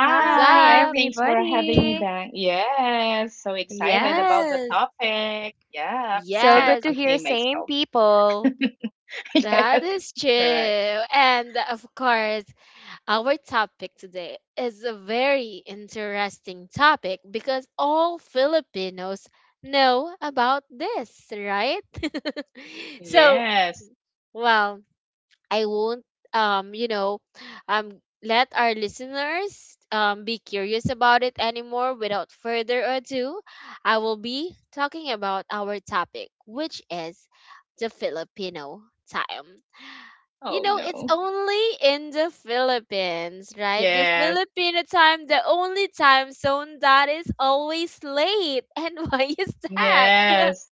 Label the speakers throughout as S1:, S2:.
S1: Hi,
S2: thanks for having me
S1: everybody.
S2: back. Yes, so excited about the
S1: Yes.
S2: topic. Yeah, I
S1: So
S2: cannot
S1: good to hear
S2: contain
S1: same
S2: myself.
S1: people.
S2: Yes, correct. Yes. Oh no. Yes. Yes.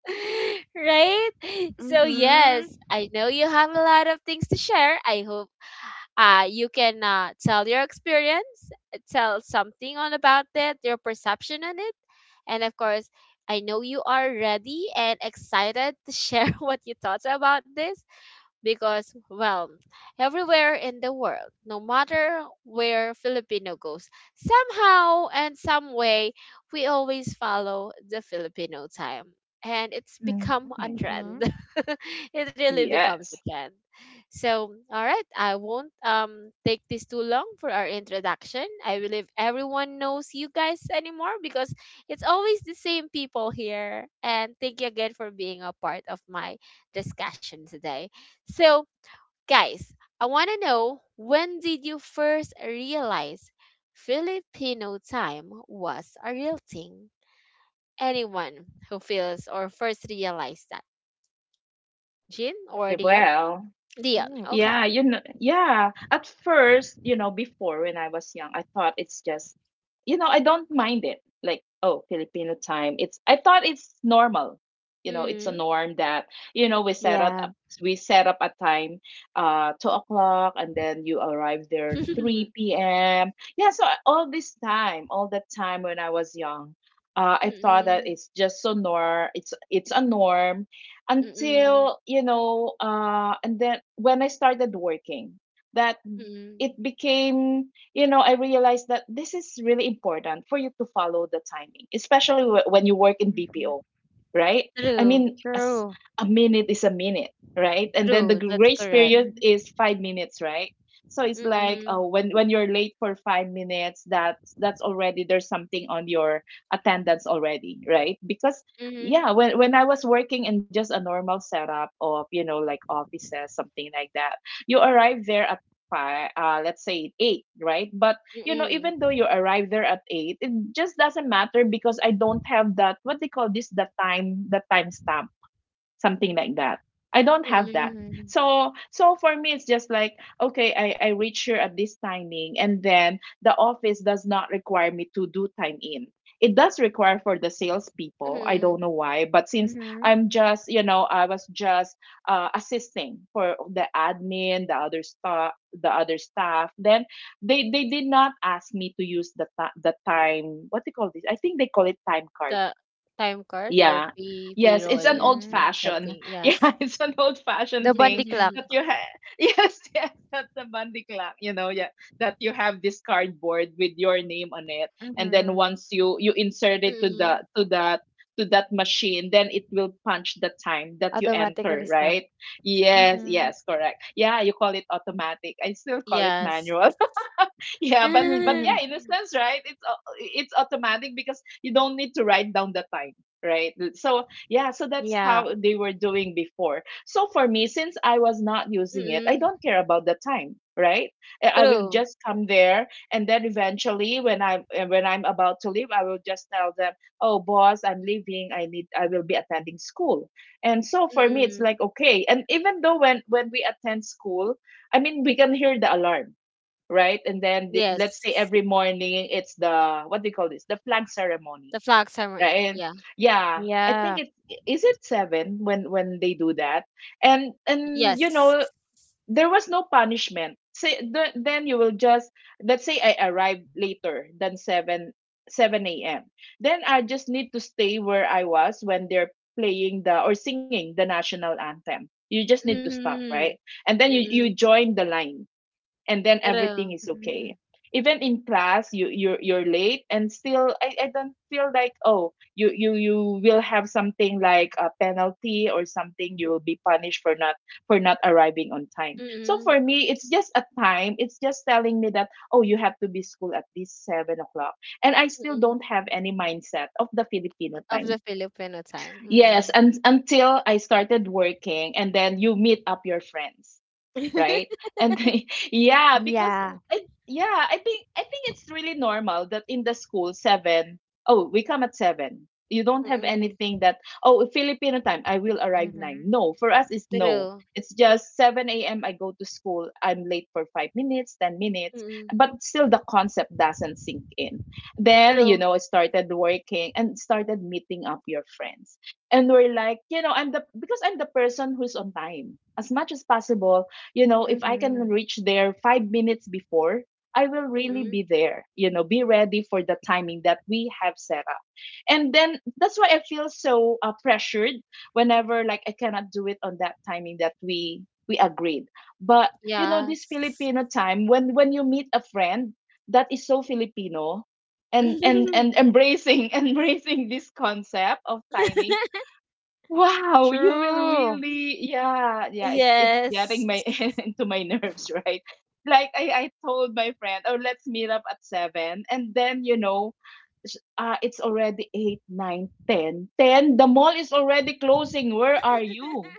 S1: Mm-hmm.
S2: Mhm.
S1: Mm-hmm.
S2: Yes. Yeah, well.
S1: Mm.
S2: Yeah, yeah. At first, before when I was young, I thought it's just, I don't mind it. Like, oh, Filipino time. It's I thought it's normal. It's a norm that, we set
S1: Yeah.
S2: up we set up a time, 2 o'clock, and then you arrive there three PM. Yeah, so all that time when I was young, I thought that it's just so norm, it's a norm, until and then when I started working, that it became, I realized that this is really important for you to follow the timing, especially when you work in
S1: Mm-hmm.
S2: BPO, right? I mean,
S1: True.
S2: a minute is a minute, right? And then the grace period
S1: Mhm.
S2: is 5 minutes, right? So it's like, when you're late for 5 minutes, that's already, there's something on your attendance already, right? Because yeah, when I was working in just a normal setup of, you know, like offices, something like that, you arrive there at five, let's say eight, right? But you know, even though you arrive there at eight, it just doesn't matter, because I don't have that, what they call this, the time, the timestamp, something like that. I don't have that.
S1: Mhm.
S2: So so for me it's just like, okay, I reach here at this timing, and then the office does not require me to do time in. It does require for the salespeople. I don't know why, but since
S1: Mm-hmm.
S2: I was just assisting for the admin, the other staff, the other staff. Then they did not ask me to use the time. What they call this? I think they call it time card, yeah. Yes, it's an old
S1: Mhm.
S2: fashioned. Yeah, it's an old fashioned
S1: The Bundy
S2: thing
S1: clock.
S2: that you have. Yes, yes, that's the bandy clap, yeah, that you have this cardboard with your name on it, and then
S1: Mhm.
S2: once you insert it to that machine, then it will punch the time that you enter,
S1: Automatically stop.
S2: right? Yes,
S1: Mhm.
S2: yes, correct. Yeah, you call it automatic. I still call it manual. Yeah, but yeah in a sense, right? It's automatic because you don't need to write down the time, right? So yeah, so that's
S1: Yeah.
S2: how they were doing before. So for me, since I was not using it, I don't care about the time, right? I will just come there, and then eventually when I am when I'm about to leave, I will just tell them, oh boss, I'm leaving, I will be attending school. And so for me it's like, okay. And even though when we attend school, I mean we can hear the alarm, right? And then, let's say every morning it's the, what do you call this, the flag ceremony, right? Yeah, I think
S1: Yeah.
S2: it is it seven when they do that, and there was no punishment. Say the, then you will just, let's say I arrive later than seven, 7 a.m. Then I just need to stay where I was when they're playing the, or singing the national anthem. You just need to stop, right? And then you join the line, and then everything is
S1: Mhm.
S2: okay. Even in class, you're late, and still, I don't feel like, oh, you will have something like a penalty, or something, you will be punished for not, arriving on time. So for me, it's just a time, it's just telling me that, oh, you have to be school at least 7 o'clock. And I still don't have any mindset of the Filipino time. Yes, and until I started working, and then you meet up your friends, right? And they, yeah, because
S1: Yeah.
S2: I yeah, I think it's really normal, that in the school seven, oh, we come at seven. You don't have anything that, oh, Filipino time, I will arrive nine.
S1: Mhm.
S2: No, for us it's no. It's just 7 a.m. I go to school. I'm late for 5 minutes, 10 minutes, but still the concept doesn't sink in. Then, I started working and started meeting up your friends, and we're like, I'm the because I'm the person who's on time as much as possible. If I can
S1: Mhm.
S2: reach there 5 minutes before, I will really be there, be ready for the timing that we have set up. And then that's why I feel so pressured, whenever, like, I cannot do it on that timing that we agreed. But this Filipino time, when you meet a friend, that is so Filipino, and embracing embracing this concept of timing. Wow, you will
S1: True.
S2: really, yeah, yeah, it's getting my into my nerves, right? Like I told my friend, oh, let's meet up at seven, and then, it's already eight, nine, ten, ten. The mall is already closing. Where are you,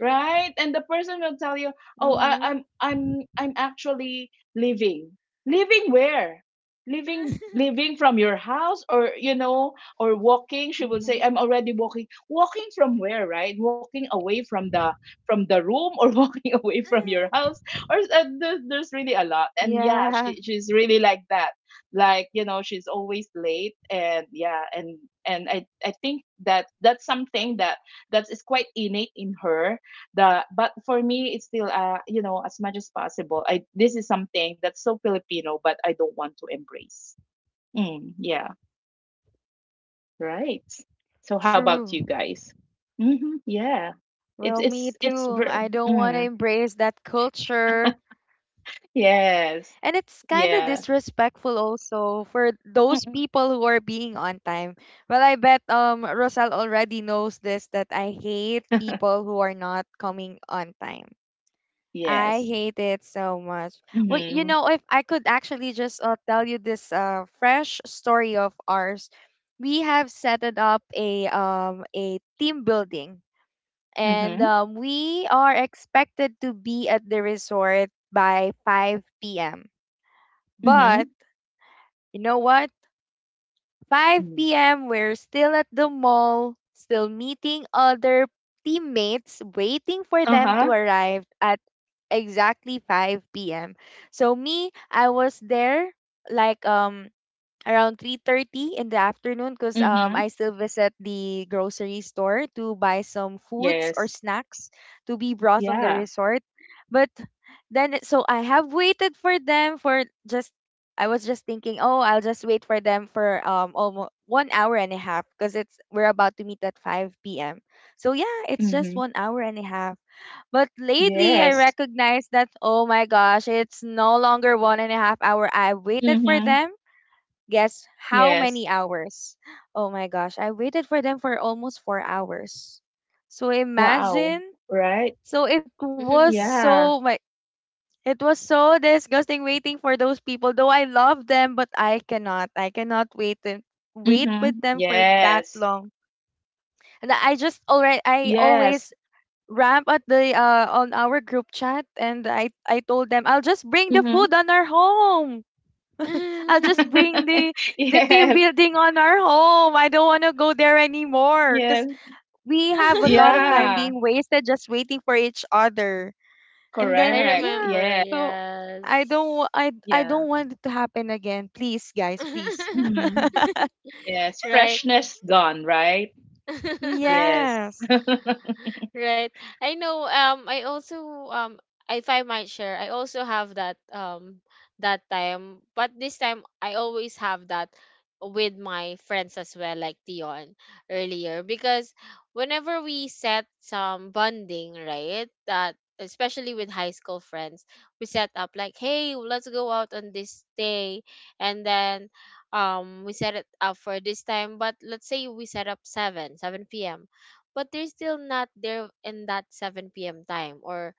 S2: right? And the person will tell you, oh, I,
S1: Mhm.
S2: I'm, I'm, I'm actually leaving. Leaving where? Leaving from your house, or or walking, she would say
S1: Mhm.
S2: I'm already walking, from where, right, walking away from the room, or walking away from your house, or there's really a lot. And yeah,
S1: Yeah.
S2: she's really like that. Like, she's always late. And yeah, and I think that that's something that is quite innate in her. The but for me, it's still, as much as possible, I this is something that's so Filipino, but I don't want to embrace. Mm, yeah. Right. So how about
S1: True.
S2: you guys? Mhm, yeah.
S1: Well, me
S2: It's
S1: too.
S2: ver
S1: I don't want to
S2: mm,
S1: embrace that culture.
S2: yes.
S1: And it's kind of
S2: Yeah.
S1: disrespectful also for those
S2: Mm-mm.
S1: people who are being on time. Well, I bet Rosal already knows this that I hate people who are not coming on time. I
S2: Yes.
S1: hate it so much. Well, you
S2: Mhm.
S1: know, if I could actually just tell you this fresh story of ours, we have set it up a team building and
S2: Mhm.
S1: we are expected to be at the resort by 5 p.m. But
S2: Mhm.
S1: you know what? 5
S2: Mm.
S1: p.m. we're still at the mall, still meeting other teammates, waiting for them to
S2: Uh-huh.
S1: arrive at exactly 5 p.m. So me, I was there like around 3:30 in the afternoon because I
S2: Mhm.
S1: still visit the grocery store to buy some foods or
S2: Yes.
S1: snacks to be brought on the
S2: Yeah.
S1: resort. But then so I have waited for them. For just I was just thinking, oh, I'll just wait for them for almost 1 hour and a half because it's we're about to meet at 5 p.m. So yeah, it's just one
S2: Mhm.
S1: hour and a half. But lately, I
S2: Yes.
S1: recognize that oh my gosh, it's no longer 1.5 hours. I waited for them.
S2: Mhm.
S1: Guess how many
S2: Yes.
S1: hours? Oh my gosh, I waited for them for almost 4 hours. So
S2: Wow.
S1: imagine.
S2: Right?
S1: So
S3: Mhm.
S2: Yeah.
S1: it was so disgusting waiting for those people. Though I love them, but I cannot. I cannot wait and
S2: Mhm.
S1: wait with
S2: Yes.
S1: them for that long. And I just already
S2: Yes.
S1: I always ramp at the on our group chat and I told them I'll just
S2: Mhm.
S1: bring the food on our home. I'll just bring the
S2: Yes.
S1: team building on our home. I don't want to go there
S2: Yes.
S1: anymore because we have a lot of
S2: Yeah.
S1: time being wasted just waiting for each other. And
S3: I
S2: Correct.
S1: then yeah,
S2: Yeah.
S3: remember,
S1: so I don't
S3: yes.
S1: wa- I I
S2: Yeah.
S1: don't want it to happen again. Please, guys, please.
S2: Hmm. Yes.
S3: Right.
S2: Freshness gone, right? Yes.
S1: Yes,
S3: Right. I know I also um if I might share, I also have that time, but this time I always have that with my friends as well, like Dion earlier, because whenever we set some bonding, right, that especially with high school friends, we set up like, hey, let's go out on this day, and then we set it up for this time, but let's say we set up seven, 7 p.m. but they're still not there in that 7 p.m. time or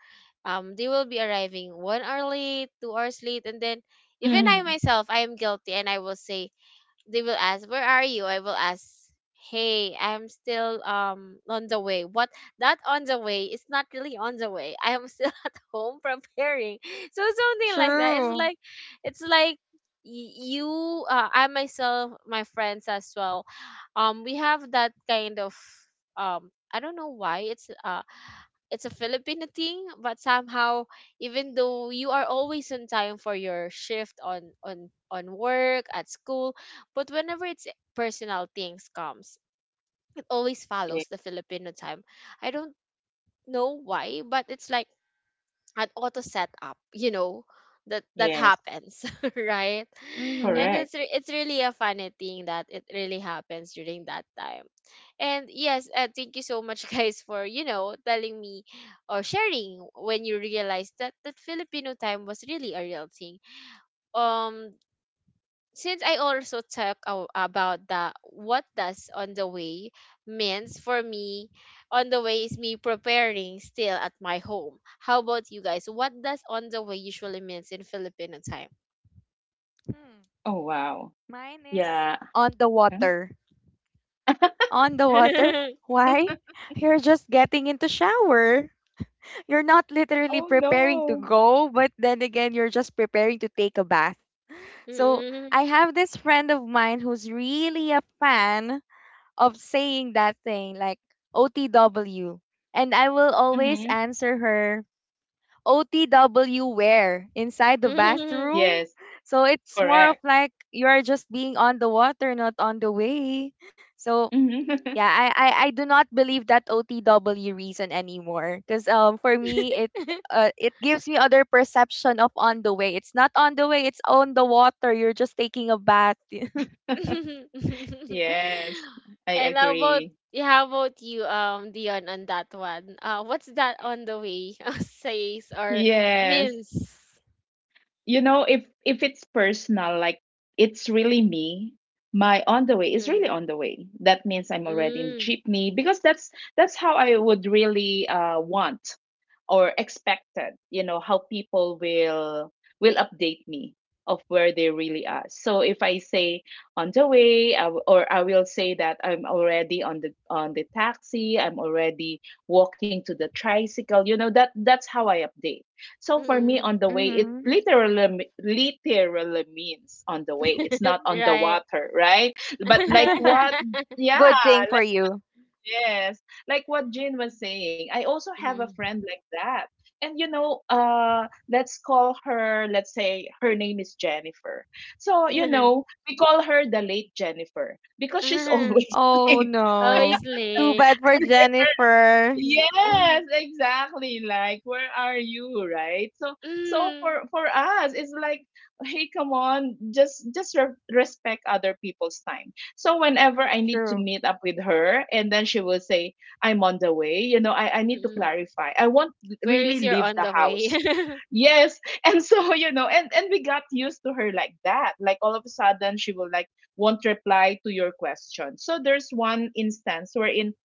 S3: they will be arriving 1 hour late, 2 hours late, and then even I
S2: Mm.
S3: myself I am guilty and I will say they will ask where are you, I will ask hey, I'm still on the way. What, that on the way is not really on the way. I am still at home preparing. So something like that. it's
S1: true.
S3: like it's like y- you I myself, my friends as well, we have that kind of I don't know why it's a Filipino thing, but somehow, even though you are always on time for your shift on work at school, but whenever it's personal things comes, it always follows
S2: Ye-.
S3: the Filipino time. I don't know why, but it's like an auto setup, you know, that
S2: Yes.
S3: happens, right? And
S1: Mm-hmm.
S3: it's
S2: Correct.
S3: re- it's really a funny thing that it really happens during that time. And yes, thank you so much, guys, for telling me or sharing when you realized that that Filipino time was really a real thing. Um, since I also about the what does on the way means for me, on the way is me preparing still at my home. How about you guys? What does on the way usually means in Filipino time?
S1: Hmm.
S2: Oh, wow.
S1: Mine is
S2: Yeah.
S1: on the
S2: Hmm?
S1: water. On the water. Why? You're just getting into shower. You're not
S2: Oh,
S1: literally preparing
S2: no.
S1: to go, but then again, you're just preparing to take a bath. So
S3: Mm,
S1: I have this friend of mine who's really a fan of saying that thing, like OTW. And I will always
S2: Hmm.
S1: answer her, OTW where? Inside the
S3: mm.
S1: bathroom?
S2: Yes.
S1: So it's more of
S2: Correct.
S1: like you are just being on the water, not on the way. So
S2: Hmm.
S1: yeah, I do not believe that OTW reason anymore. Cause for me it uh it gives me other perception of on the way. It's not on the way, it's on the water. You're just taking a bath.
S2: Yes. I
S3: and how about
S2: agree.
S3: yeah, How about you, Dion, on that one? What's that on the way says or
S2: Yes.
S3: means?
S2: You know, if it's personal, like, it's really me, my on the way is really
S3: Mm.
S2: on the way. That means I'm already in the
S3: Mm.
S2: jeepney, because that's how I would really want, or expected, how people will update me of where they really are. So if I say on the way, I w- or I will say that I'm already on the taxi, I'm already walking to the tricycle, that that's how I update. So
S3: Mm.
S2: for me,
S3: Mm.
S2: on the way, it
S1: Mm-hmm.
S2: literally, literally means on the way, it's not on the
S3: Right.
S2: water, right? But like what, yeah.
S1: Good thing for you.
S2: Yes, like what Jin was saying, I also have a friend like that. And you know, let's call her, let's say her name is Jennifer. So, you
S3: Mhm.
S2: know, we call her the late Jennifer, because she's always
S1: Oh
S2: late.
S1: no.
S3: Always
S1: Too
S3: late.
S1: bad for Jennifer.
S3: Mhm.
S2: Yes, exactly. Like, where are you, right? So,
S3: Mm.
S2: for us, it's like, hey, come on, just respect other people's time. So whenever I need to
S1: True.
S2: meet up with her, and then she will say, I'm on the way. You know, I need to
S3: Mm.
S2: clarify. I won't
S3: Where
S2: really
S3: is your
S2: leave
S3: on
S2: the
S3: the way?
S2: house. Yes, and so and we got used to her like that. Like all of a sudden, she will like, won't reply to your question. So there's one instance wherein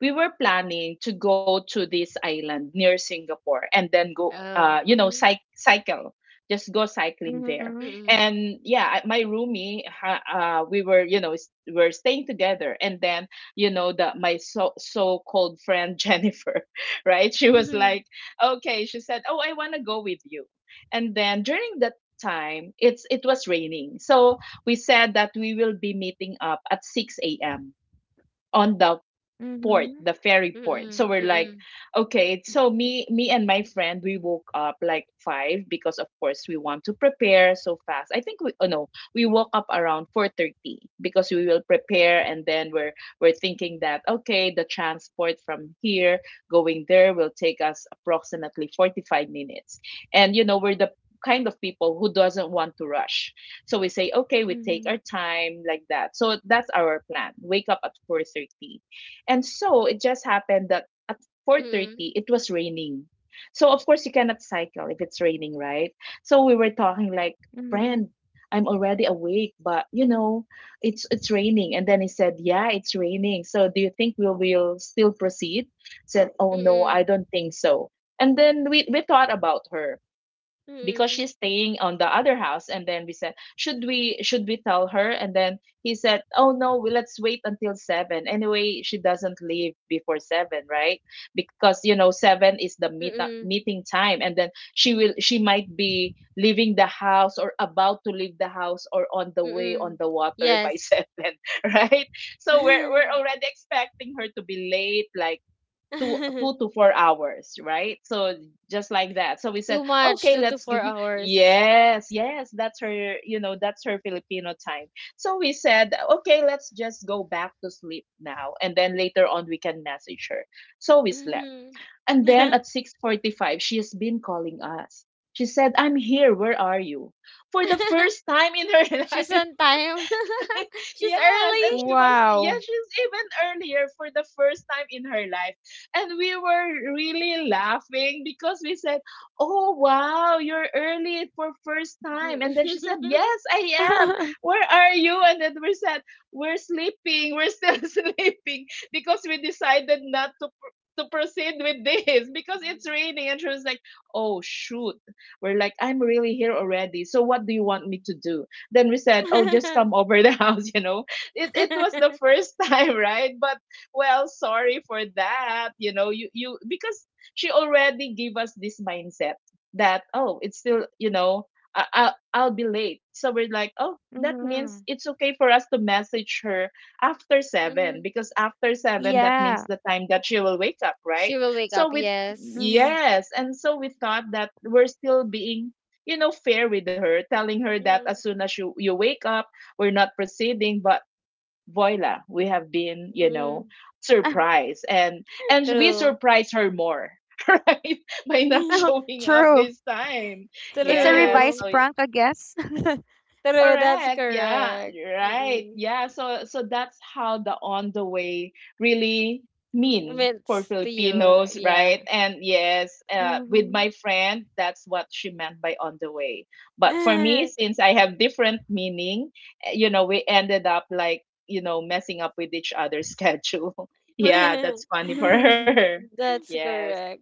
S2: we were planning to go to this island near Singapore and then go,
S3: Oh.
S2: you know,
S3: Mhm.
S2: cycle, just go cycling there.
S1: Mm-hmm.
S3: Mm.
S2: And yeah, my roomie, we were, you know, we are staying together. And then, the my so called friend, Jennifer, right? She was
S3: Mhm.
S2: like, okay, she said, oh, I want to go with you. And then during that time, it was raining, so we said that we will be meeting up at 6 a.m. on the port,
S1: Mm-hmm.
S2: the ferry port.
S3: Mm.
S2: So we're like,
S3: Mm.
S2: okay. So me and my friend, we woke up like five, because of course we want to prepare so fast. I think we, oh no, we woke up around 4:30, because we will prepare, and then we're thinking that, okay, the transport from here going there will take us approximately 45 minutes, and you know we're the kind of people who doesn't want to rush. So we say, okay, we take
S1: Mm-hmm.
S2: our time like that. So that's our plan. Wake up at 4:30. And so it just happened that at 4:30 it
S3: Mm.
S2: was raining. So of course you cannot cycle if it's raining, right? So we were talking like,
S1: Mm-hmm.
S2: "Friend, I'm already awake, but it's raining." And then he said, "Yeah, it's raining. So do you think we will still proceed?" Said, "Oh no, I
S3: Mm.
S2: don't think so." And then we thought about her because she's staying on the other house. And then we said, should we tell her? And then he said, "Oh no, we let's wait until 7. Anyway, she doesn't leave before 7, right? Because you know 7 is the
S3: Mm. Mm.
S2: meeting time." And then she will she might be leaving the house or about to leave the house or on the way on
S3: Mm.
S2: the water by
S3: Yes.
S2: 7, right? So we're already expecting her to be late, like
S3: Too
S2: 2 to 4 hours, right? So just like that, so we said,
S3: much.
S2: "Okay,
S3: 2 to
S2: let's
S3: 4 hours.
S2: yes, yes, that's her, you know, that's her Filipino time." So we said, "Okay, let's just go back to sleep now, and then later on we can message her." So we slept,
S3: Mhm.
S2: and then at 6:45 she has been calling us. She said, "I'm here, where are you?" For the first time in her
S3: She's
S2: life.
S3: on time. She's
S2: Yes,
S3: early.
S2: and she was, yeah,
S1: Wow.
S2: she's even earlier for the first time in her life. And we were really laughing because we said, "Oh wow, you're early for first time." And then she said,
S3: Mhm.
S2: "Yes, I am. Where are you?" And then we said, "We're sleeping. We're still sleeping because we decided not to to proceed with this because it's raining." And she was like, "Oh shoot." We're like, "I'm really here already. So what do you want me to do?" Then we said, "Oh, just
S3: Mhm.
S2: come over the house," you know. It was the first time, right? But well, sorry for that, you know. You because she already gave us this mindset that, oh, it's still, you know, I'll be late. So we're like, "Oh, that means
S1: Mm-hmm.
S2: it's okay for us to message her after 7,
S3: Mhm.
S2: because after 7 that means
S1: Yeah.
S2: the time that she will wake up, right?"
S3: She will wake
S2: So
S3: up.
S2: with
S1: Mm-hmm.
S3: Yes.
S2: yes, and so we thought that we're still being, you know, fair with her, telling her that as
S3: Mhm.
S2: soon as you wake up, we're not proceeding. But voila, we have been, you know,
S3: Mhm.
S2: surprised. And we
S3: True.
S2: surprise her more, right? By not showing up
S1: True.
S2: this time.
S1: It's a
S2: Yes.
S1: revised
S2: So
S3: True.
S1: prank, I guess.
S3: True, that's
S2: correct. Yeah.
S3: correct.
S2: Right.
S3: Mm-mm.
S2: Yeah. So so that's how the "on the way" really mean for
S3: Mints to you.
S2: Filipinos,
S3: Yeah.
S2: right? And yes, with
S1: Mm-hmm.
S2: my friend, that's what she meant by "on the way." But for me, since I have different meaning, eh, you know, we ended up like, you know, messing up with each other's schedule. Yeah, that's funny for
S1: Mm-hmm.
S2: her.
S3: That's
S2: Yes.
S3: correct.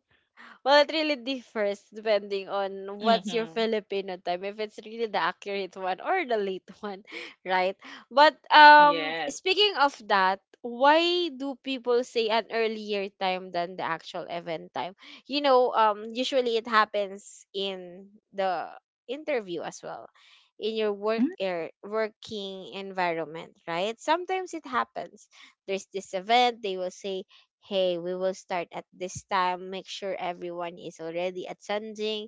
S3: Well, it really differs depending on what's your
S2: Mm-hmm.
S3: Filipino time, if it's really the accurate one or the late one, right? But
S2: Yes.
S3: speaking of that, why do people say an earlier time than the actual event time? You know, usually it happens in the interview as well, in your work air, working environment, right? Sometimes it happens. There's this event, they will say hey, we will start at this time, make sure everyone is already attending.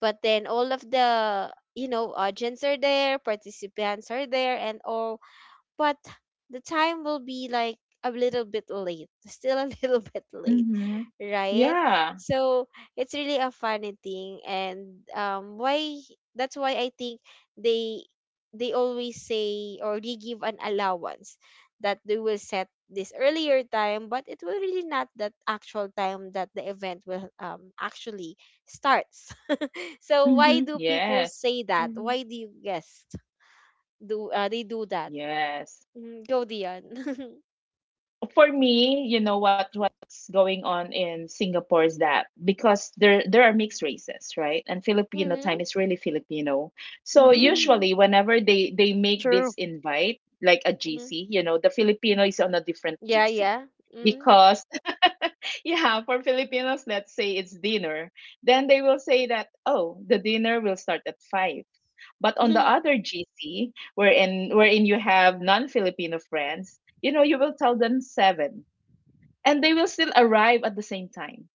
S3: But then all of the, you know, audience are there, participants are there, and all, but the time will be like a little bit late, still a little bit late,
S2: Mm-hmm.
S3: right?
S2: Yeah.
S3: So it's really a funny thing, and why, that's why I think they they always say, or they give an allowance that they will set this earlier time, but it will really not that actual time that the event will actually starts. So why
S2: Mm-hmm.
S3: do people
S2: Yes.
S3: say that? Why do you guess do they do that?
S2: Yes.
S3: Mm, go Dion.
S2: For me, you know, what's going on in Singapore is that because there are mixed races, right? And Filipino
S3: Mhm.
S2: time is really Filipino. So
S1: Mm-hmm.
S2: usually whenever they make
S1: True.
S2: this invite like a
S3: Mhm.
S2: GC, you know, the Filipino is on a different
S3: Yeah,
S2: GC.
S3: yeah. Mhm.
S2: Because yeah, for Filipinos, let's say it's dinner, then they will say that, oh, the dinner will start at 5. But on the other GC, wherein you have non-Filipino friends, you know, you will tell them seven, and they will still arrive at the same time,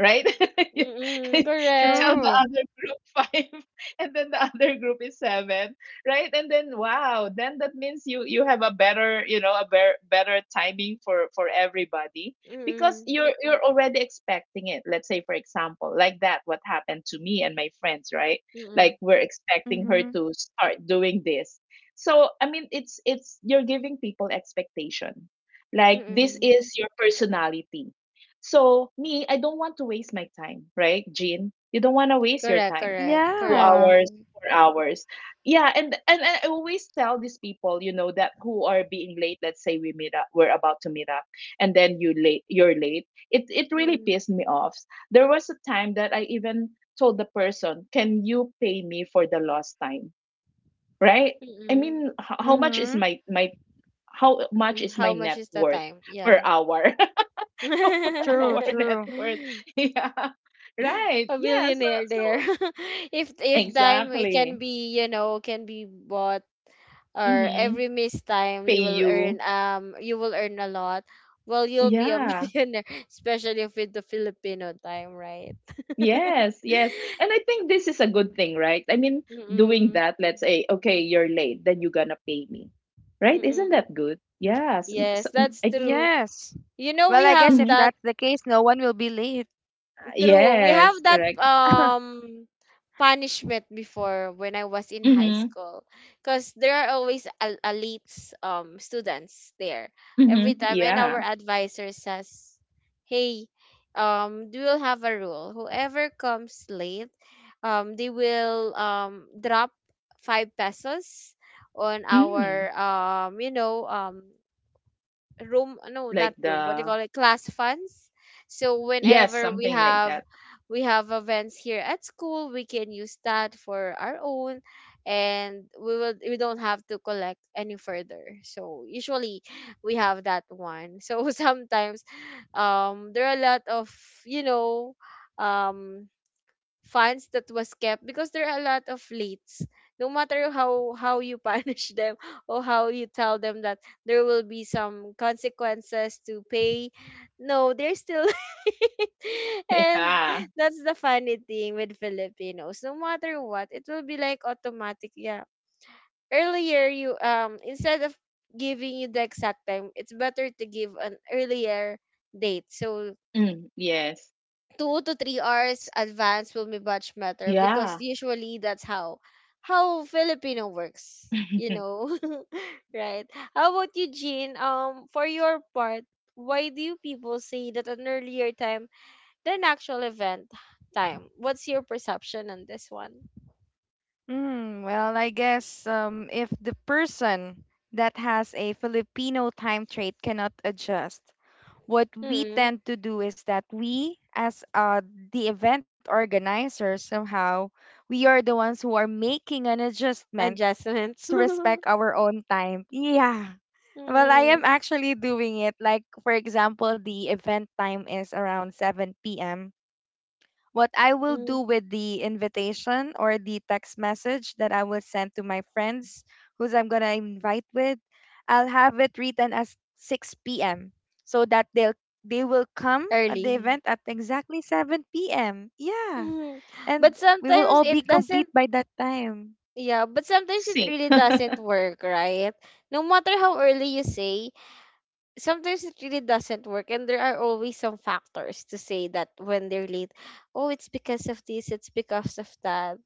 S2: right? You,
S3: Mm-mm.
S2: you
S3: Correct.
S2: tell
S1: True.
S2: the other group five, and then the other group is seven, right? And then wow, then that means you have a better, you know, a better, better timing for everybody because
S3: Mm-mm.
S2: you're already expecting it. Let's say for example, like that, what happened to me and my friends, right? Like
S3: Mm-mm.
S2: we're expecting
S1: Mm-hmm.
S2: her to start doing this. So I mean, it's you're giving people expectation. Like this
S3: Mm-mm.
S2: is your personality. So me, I don't want to waste my time, right, Jean? You don't want to waste your
S3: Correct,
S2: time.
S3: correct,
S2: Two
S1: Yeah.
S2: hours,
S3: correct.
S2: 4 hours. Yeah, and I always tell these people, you know, that who are being late. Let's say we meet up, we're about to meet up, and then you're late. It really
S3: Mm-mm.
S2: pissed me off. There was a time that I even told the person, "Can you pay me for the lost time?" Right? I
S3: Mm-mm.
S2: mean, how much is
S1: Mm-hmm.
S2: my my how much
S3: Mm,
S2: is my
S3: how much
S2: net
S3: is the
S2: worth
S3: time?
S2: per
S3: Yeah.
S2: hour? Over
S1: True,
S2: our net
S1: true.
S2: worth. Yeah. Right.
S3: A
S2: Yeah. So
S3: billionaire
S2: so
S3: there. If time it can
S2: exactly.
S3: be, you know, can be bought, or
S2: Mm-hmm.
S3: every missed time
S2: Pay
S3: you will earn,
S2: you.
S3: you will earn a lot, well, you'll be a
S2: Yeah.
S3: millionaire, especially with the Filipino time, right?
S2: Yes, yes. And I think this is a good thing, right? I mean, doing
S3: Mm-mm.
S2: that, let's say, okay, you're late, then you're gonna pay me. Right? Isn't
S3: Mm-mm.
S2: that good? Yes.
S3: Yes,
S2: So,
S3: that's
S2: I think
S3: true.
S1: Yes.
S3: You know,
S1: Well,
S3: we
S1: I guess
S3: have
S1: if
S2: mhm.
S3: that,
S1: that's the case, no one will be late.
S3: true. We have
S2: Yes,
S3: that
S2: correct.
S3: punishment before when I was in high
S2: Mm-hmm.
S3: school, because there are always elites students there
S2: Mm-hmm.
S3: every time, and our
S2: Yeah.
S3: advisor says, "Hey, we will have a rule. Whoever comes late, they will drop 5 pesos on
S2: Mm.
S3: our you know room, no, not
S2: Like
S3: room, what do you
S2: the
S3: call it, class funds, so
S2: yes,
S3: whenever we
S2: something like
S3: have,
S2: that.
S3: we have events here at school, we can use that for our own, and we will, we don't have to collect any further." So usually we have that one, so sometimes there are a lot of, you know, um funds that was kept because there are a lot of leads, no matter how you punish them or how you tell them that there will be some consequences to pay, no, they're still and
S2: Yeah.
S3: that's the funny thing with Filipinos. No matter what, it will be like automatic, yeah, earlier, you instead of giving you the exact time, it's better to give an earlier date, so
S2: Yes.
S3: 2 to 3 hours advance will be much better, because
S2: Yeah.
S3: usually that's how Filipino works, you know. Right. How about you, Jean? For your part, why do people say that an earlier time than actual event time? What's your perception on this one?
S1: Well, I guess if the person that has a Filipino time trait cannot adjust, what we
S3: Mm-mm.
S1: tend to do is that we, as the event organizers, somehow we are the ones who are making an adjustment
S3: Adjustments.
S1: to respect our own time. Yeah, well, I am
S3: Mm-mm.
S1: actually doing it. Like for example, the event time is around 7 p.m. What I will
S3: Mm.
S1: do with the invitation or the text message that I will send to my friends who's I'm going to invite with, I'll have it written as 6 p.m. so that they will come at the
S3: Early.
S1: event at exactly 7 p.m. Yeah.
S3: Mhm. But
S1: And we will
S3: sometimes
S1: all be
S3: it
S1: complete
S3: doesn't,
S1: by that time.
S3: yeah, but sometimes it
S2: Sink.
S3: really doesn't work, right? No matter how early you say, sometimes it really doesn't work. And there are always some factors to say that when they're late, oh, it's because of this, it's because of that.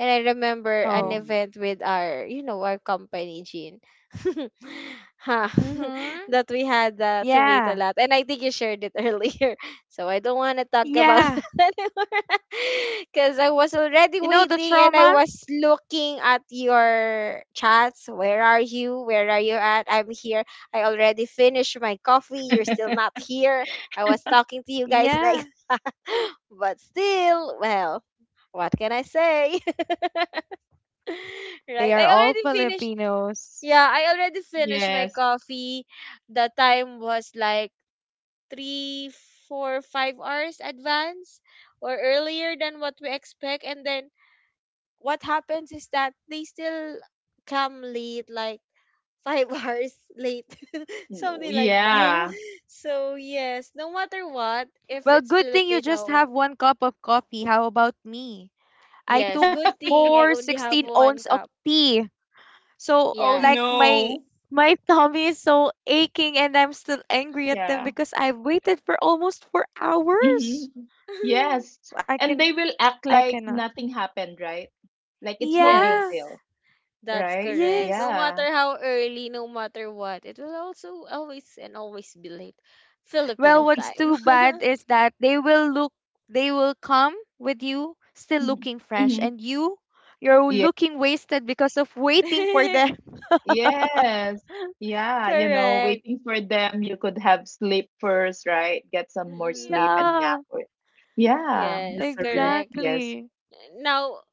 S3: And I remember an
S2: Mm.
S1: Oh.
S3: event with our, you know, our company, Jean. Ha,
S1: Mhm.
S3: that we had to wait a
S1: Yeah.
S3: lot. And I think you shared it earlier. So I don't want to talk about
S1: Yeah.
S3: that anymore. Because I was already
S1: You know the
S3: waiting and I
S1: trauma?
S3: was looking at your chats. Where are you? Where are you at? I'm here. I already finished my coffee. You're still not here. I was talking to you guys like,
S1: Yeah.
S3: but still, well, what can I say?
S1: They
S3: Right. I
S1: are all
S3: already finished.
S1: Filipinos.
S3: Yeah, I already finished my
S2: Yes.
S3: coffee. The time was like three, four, 5 hours advance or earlier than what we expect. And then what happens is that they still come late, like five hours late,
S2: No,
S3: something like that.
S1: Yeah.
S2: yeah.
S3: So yes, no matter what, if
S1: Well,
S3: it's
S1: good thing you just
S3: Filipino,
S1: have one cup of coffee. How about me? I
S3: yes,
S1: took
S3: good thing I
S1: four
S3: only have
S1: sixteen 16
S3: one
S1: ounce of
S3: cup.
S1: tea. So
S2: Oh
S1: like my
S3: Yes.
S2: no.
S1: my tummy is so aching and I'm still angry at them
S2: Yeah.
S1: because I've waited for almost 4 hours.
S2: Hmm. Yes.
S1: So
S2: And they will act
S1: I
S2: like
S1: cannot.
S2: nothing happened, right? Like it's no big
S1: Yeah.
S3: Yes.
S2: deal,
S3: That's
S2: right?
S3: correct.
S1: Yes.
S3: No
S2: Yeah.
S3: matter how early, no matter what, it will also always and always be late.
S1: Well,
S3: Filipino
S1: what's
S3: time.
S1: too bad is that they will come with you still
S2: Hmm.
S1: looking fresh
S2: Hmm.
S1: and you're
S2: Yeah.
S1: looking wasted because of waiting for them.
S2: Yes. Yeah. You know,
S3: Correct.
S2: waiting for them, you could have sleep first, right? Get some more
S3: Mm-mm.
S2: sleep and
S1: Yeah.
S2: nap. Or... Yeah.
S3: Yes,
S2: That's a really,
S3: correct.
S2: yes.
S1: Exactly.
S3: Now,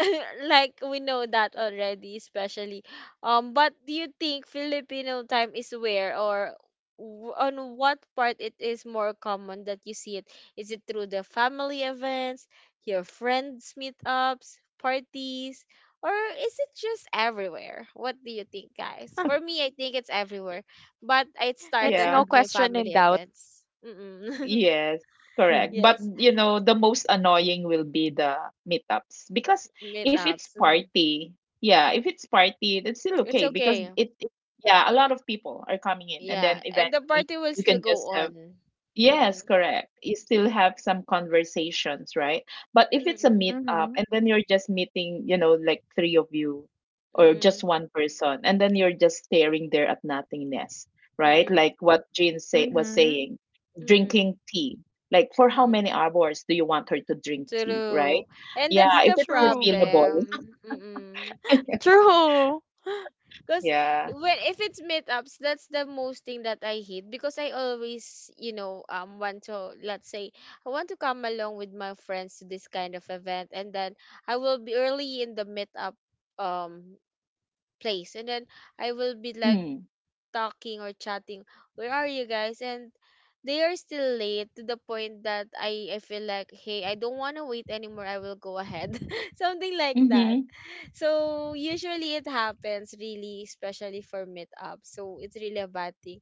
S3: like we know that already, especially but do you think Filipino time is where, or on what part it is more common that you see it, is it through the family events, your friends, meetups, parties, or is it just everywhere? What do you think, guys? For me, I think it's everywhere, but it
S1: It's
S3: started
S2: Yeah.
S1: no
S3: with my
S1: question in
S3: family
S1: doubt.
S3: events. Mm-mm.
S2: Yes,
S1: Yeah.
S2: correct. But
S3: Yes,
S2: you know, the most annoying will be the meetups because if it's
S3: meetups. Mhm.
S2: party, yeah, if it's party, that's still
S3: It's
S2: okay because
S3: okay.
S2: it yeah, a lot of people are coming in and
S3: Yeah,
S2: then
S3: and the
S2: eventually
S3: party will
S2: you
S3: still
S2: can
S3: go
S2: just have
S3: on.
S2: yes,
S3: Mm-mm.
S2: correct. You still have some conversations, right? But if it's a
S3: Mm-mm.
S2: meetup
S1: Mm-hmm.
S2: and then you're just meeting, you know, like three of you or just
S3: Mm-mm.
S2: one person, and then you're just staring there at nothingness, right?
S3: Mm-mm.
S2: Like what Jean say was
S1: Mm-hmm.
S2: saying,
S3: Mm-mm.
S2: drinking tea. Like for how
S3: Mm-mm.
S2: many hours do you want her to drink tea, right?
S3: True. And
S2: Yeah,
S3: that's
S2: if
S3: the
S1: True.
S2: it's refillable.
S3: problem. Mm-mm.
S1: True.
S3: Because
S2: Yeah.
S3: when, if it's meetups, that's the most thing that I hate, because I always, you know, want to, let's say I want to come along with my friends to this kind of event, and then I will be early in the meetup um place, and then I will be like
S2: Mm.
S3: talking or chatting, where are you guys? And they are still late, to the point that I feel like, hey, I don't want to wait anymore. I will go ahead. Something like that.
S2: Mm-hmm.
S3: So usually it happens really, especially for meetup. So it's really a bad thing.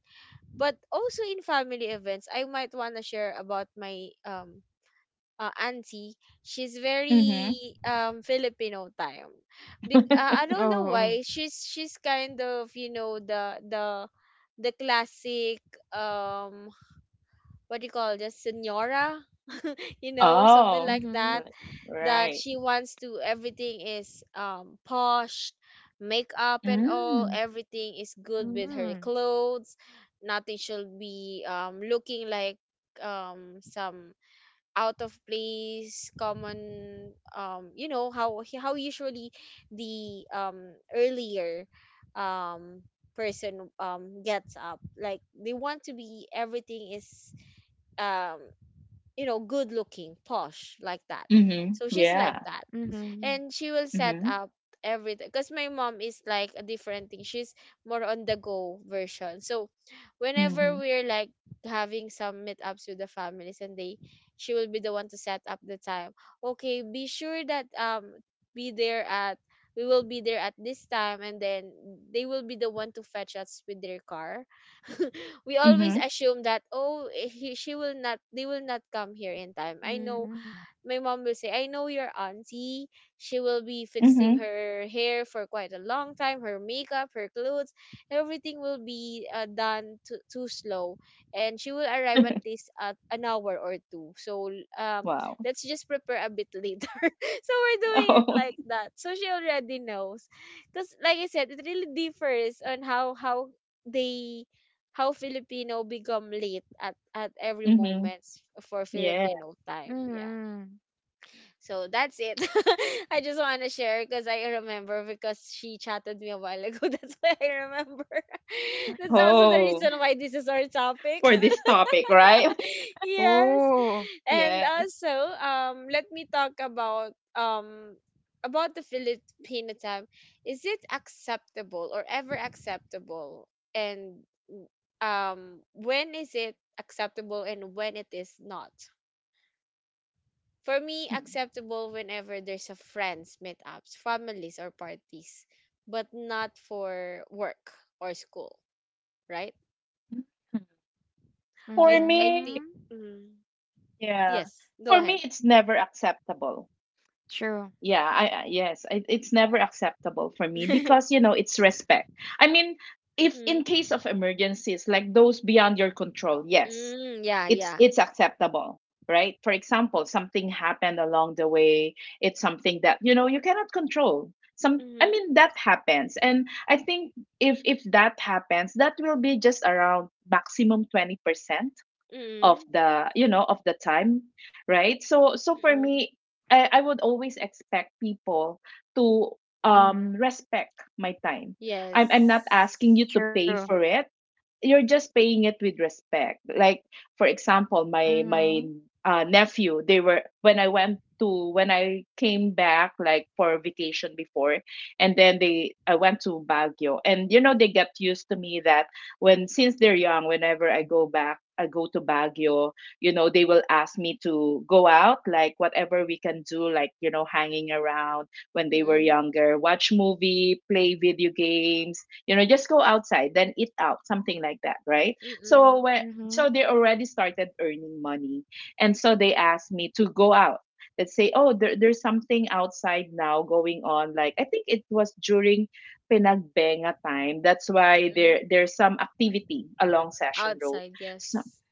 S3: But also in family events, I might want to share about my auntie, she's
S2: Mm-hmm.
S3: very Filipino time. I don't know
S1: Oh.
S3: why she's kind of the classic um what do you call this, senora, you know, something
S2: Oh,
S3: like
S1: Mm-hmm.
S3: that,
S2: right.
S3: that
S2: Right.
S3: she wants to, everything is posh, makeup and all,
S2: Mm.
S3: everything is good with her
S1: Mm-hmm.
S3: clothes. Nothing should be looking like some out of place common, you know how usually the earlier um person gets up, like they want to be, everything is um you know, good looking, posh like that.
S2: Mhm.
S3: So she's like
S2: Yeah.
S3: that,
S1: Mm-hmm.
S3: and she will set
S2: Mhm.
S3: up everything. Because my mom is like a different thing, she's more on the go version. So whenever
S2: Mhm.
S3: we're like having some meetups with the families and they she will be the one to set up the time. Okay, be sure that be there at, we will be there at this time, and then they will be the one to fetch us with their car. We always
S2: Mhm.
S3: assume that, oh, she will not, they will not come here in time. I know
S1: Mm-hmm.
S3: my mom will say, I know your auntie. She will be fixing
S2: Mhm.
S3: her hair for quite a long time, her makeup, her clothes, everything will be done too slow. And she will arrive at least at an hour or two. So um,
S2: Wow.
S3: let's just prepare a bit later. So we're doing it
S2: Oh.
S3: like that. So she already knows. Because, like I said, it really differs on how they, how Filipino become late at every
S2: Mhm.
S3: moment, for
S2: Yeah.
S3: Filipino time. Yeah.
S1: Mm-hmm.
S3: So that's it. I just want to share because I remember, because she chatted me a while ago. That's why I remember. That's also the
S2: Oh,
S3: reason why this is our topic.
S2: for this topic, right?
S3: Yes.
S1: Oh.
S3: And
S2: Yes.
S3: also, let me talk about the Filipino time. Is it acceptable or ever acceptable? And when is it acceptable and when it is not? For me,
S2: Mm.
S3: acceptable whenever there's a friends, meetups, families, or parties, but not for work or school, right?
S2: Mhm.
S3: I
S2: For
S3: I
S2: me,
S3: think,
S1: Mm-hmm.
S3: mm,
S2: yeah.
S3: yes. Go
S2: For me,
S3: ahead.
S2: it's never acceptable.
S1: True.
S2: Yeah, I yes, it's never acceptable for me
S3: Mm,
S2: because you know it's respect. I mean, if in case of emergencies like those beyond your control, yes,
S3: mm, yeah,
S2: it's
S3: yeah.
S2: it's acceptable, right? For example, something happened along the way, it's something that, you know, you cannot control. Some, I
S3: Mm-hmm,
S2: mean, that happens. And I think if that happens, that will be just around maximum 20%
S3: mm-hmm,
S2: of the, you know, of the time, right? So so for
S3: mm-hmm.
S2: me, I would always expect people to
S1: Mm-hmm.
S2: respect my time. I'm not asking
S3: Yes.
S2: you to
S1: True.
S2: pay for it, you're just paying it with respect. Like, for example, my
S1: Mm-hmm.
S2: my nephew, they were when I went to when I came back like for vacation before, and then they I went to Baguio. And you know, they get used to me that when since they're young, whenever I go back, I go to Baguio. You know, they will ask me to go out, like whatever we can do, like, you know, hanging around. When they were
S3: Mm-hmm,
S2: younger, watch movie, play video games, you know, just go outside, then eat out, something like that, right?
S3: mm-hmm,
S2: so when
S1: Mm-hmm.
S2: so they already started earning money, and so they asked me to go out. Let's say, "Oh there's something outside now going on." Like, I think it was during Pinagbenga time, that's why
S3: mm-hmm.
S2: there there's some activity along Session Road.
S3: Outside,
S2: So,
S3: yes.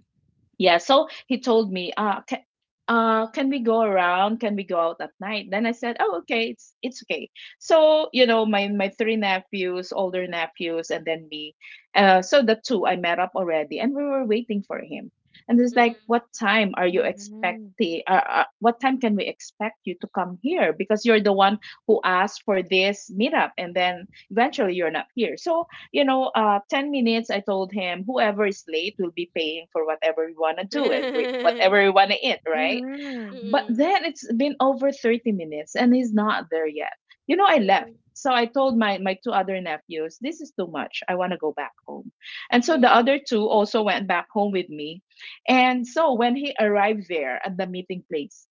S2: yeah, so he told me, can we go around? Can we go out at night? Then I said, "Oh, okay, it's okay." So you know, my three nephews, older nephews, and then me. So the two I met up already, and we were waiting for him. And it's like,
S3: Mm-hmm.
S2: "What time are you expecting?
S1: Mm-hmm.
S2: What time can we expect you to come here? Because you're the one who asked for this meetup, and then eventually you're not here." So you know, 10 minutes, I told him, whoever is late will be paying for whatever we want to do and
S3: Mm-hmm,
S2: whatever we want to eat, right?
S1: Mm-hmm.
S2: But then it's been over 30 minutes and he's not there yet. You know, I left.
S3: mm-hmm,
S2: So I told my two other nephews, "This is too much. I want to go back home." And so the
S3: mm-hmm.
S2: other two also went back home with me. And so when he arrived there at the meeting place,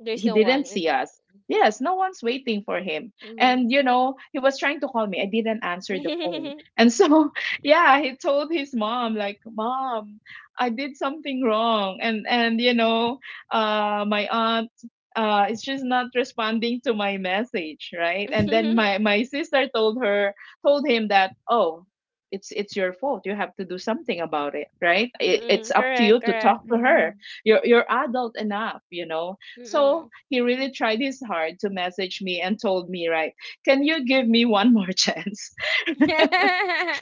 S3: There's
S2: he
S3: no
S2: didn't
S3: one.
S2: see us. Yes, no one's waiting for him. And you know, he was trying to call me. I didn't answer the phone.
S3: Mm-hmm.
S2: And so, yeah, he told his mom like, "Mom, I did something wrong." And you know, my aunt is just not responding to my message, right? And then my my sister told him that, "Oh, it's your fault. You have to do something about it, right?
S3: Mm,
S2: It's
S3: mm,
S2: up to you
S3: correct,
S2: to
S3: correct.
S2: talk to
S1: Mm-hmm.
S2: her. You're adult enough, you know." So
S3: Mm.
S2: he really tried his hard to message me and told me, right, can you give me one more chance?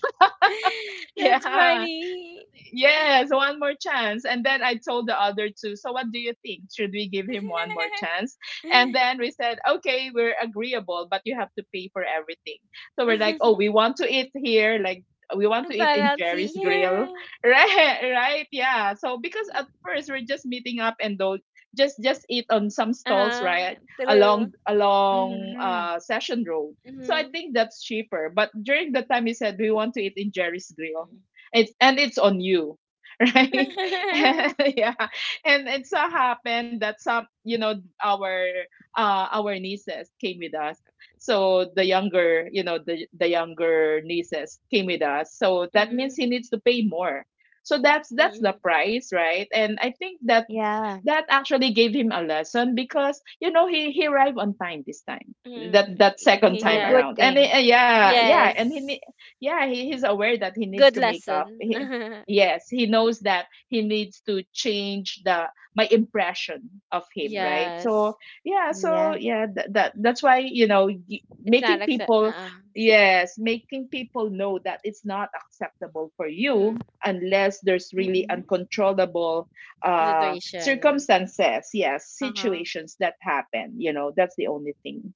S3: That's
S2: Yeah.
S3: funny.
S2: Yes, one more chance. And then I told the other two, so what do you think? Should we give him one more chance? And then we said, okay, we're agreeable, but you have to pay for everything. So we're like, oh, we want to eat here, like we want to eat in
S3: Penalty.
S2: Jerry's Grill, right? Right? Yeah. So because at first we're just meeting up and though just eat on some stalls,
S3: Uh,
S2: right,
S3: true.
S2: along
S1: Mm-hmm.
S2: Session Road. So I
S3: Mm-hmm.
S2: think that's cheaper. But during the time, he said we want to eat in Jerry's Grill. It's, and it's on you, right? And, yeah, and it so happened that some, you know, our our nieces came with us. So the younger, you know, the younger nieces came with us. So that
S3: Mm-hmm.
S2: means he needs to pay more. So that's the
S3: Mm-hmm.
S2: price, right? And I think that
S1: Yeah.
S2: that actually gave him a lesson because you know he arrived on time this time,
S3: Mm-hmm.
S2: that second
S1: Well,
S2: time
S3: Yeah.
S1: good
S2: around, and
S1: thing. Mm-hmm.
S3: Yes.
S2: yeah, he, he's aware that he needs
S3: Good
S2: to make up,
S3: lesson.
S2: he, yes, he knows that he needs to change the my impression of him, right? So
S3: Yes.
S2: yeah, so
S1: Yeah.
S2: yeah, that's why, you know,
S3: It's
S2: making
S3: not accept,
S2: people,
S3: uh-uh.
S2: yes, making people know that it's not acceptable for
S3: Mm-mm.
S2: you unless there's really
S1: Mm-hmm.
S2: uncontrollable uh
S3: Situation.
S2: circumstances, yes,
S3: Uh-huh.
S2: situations that happen, you know, that's the only thing.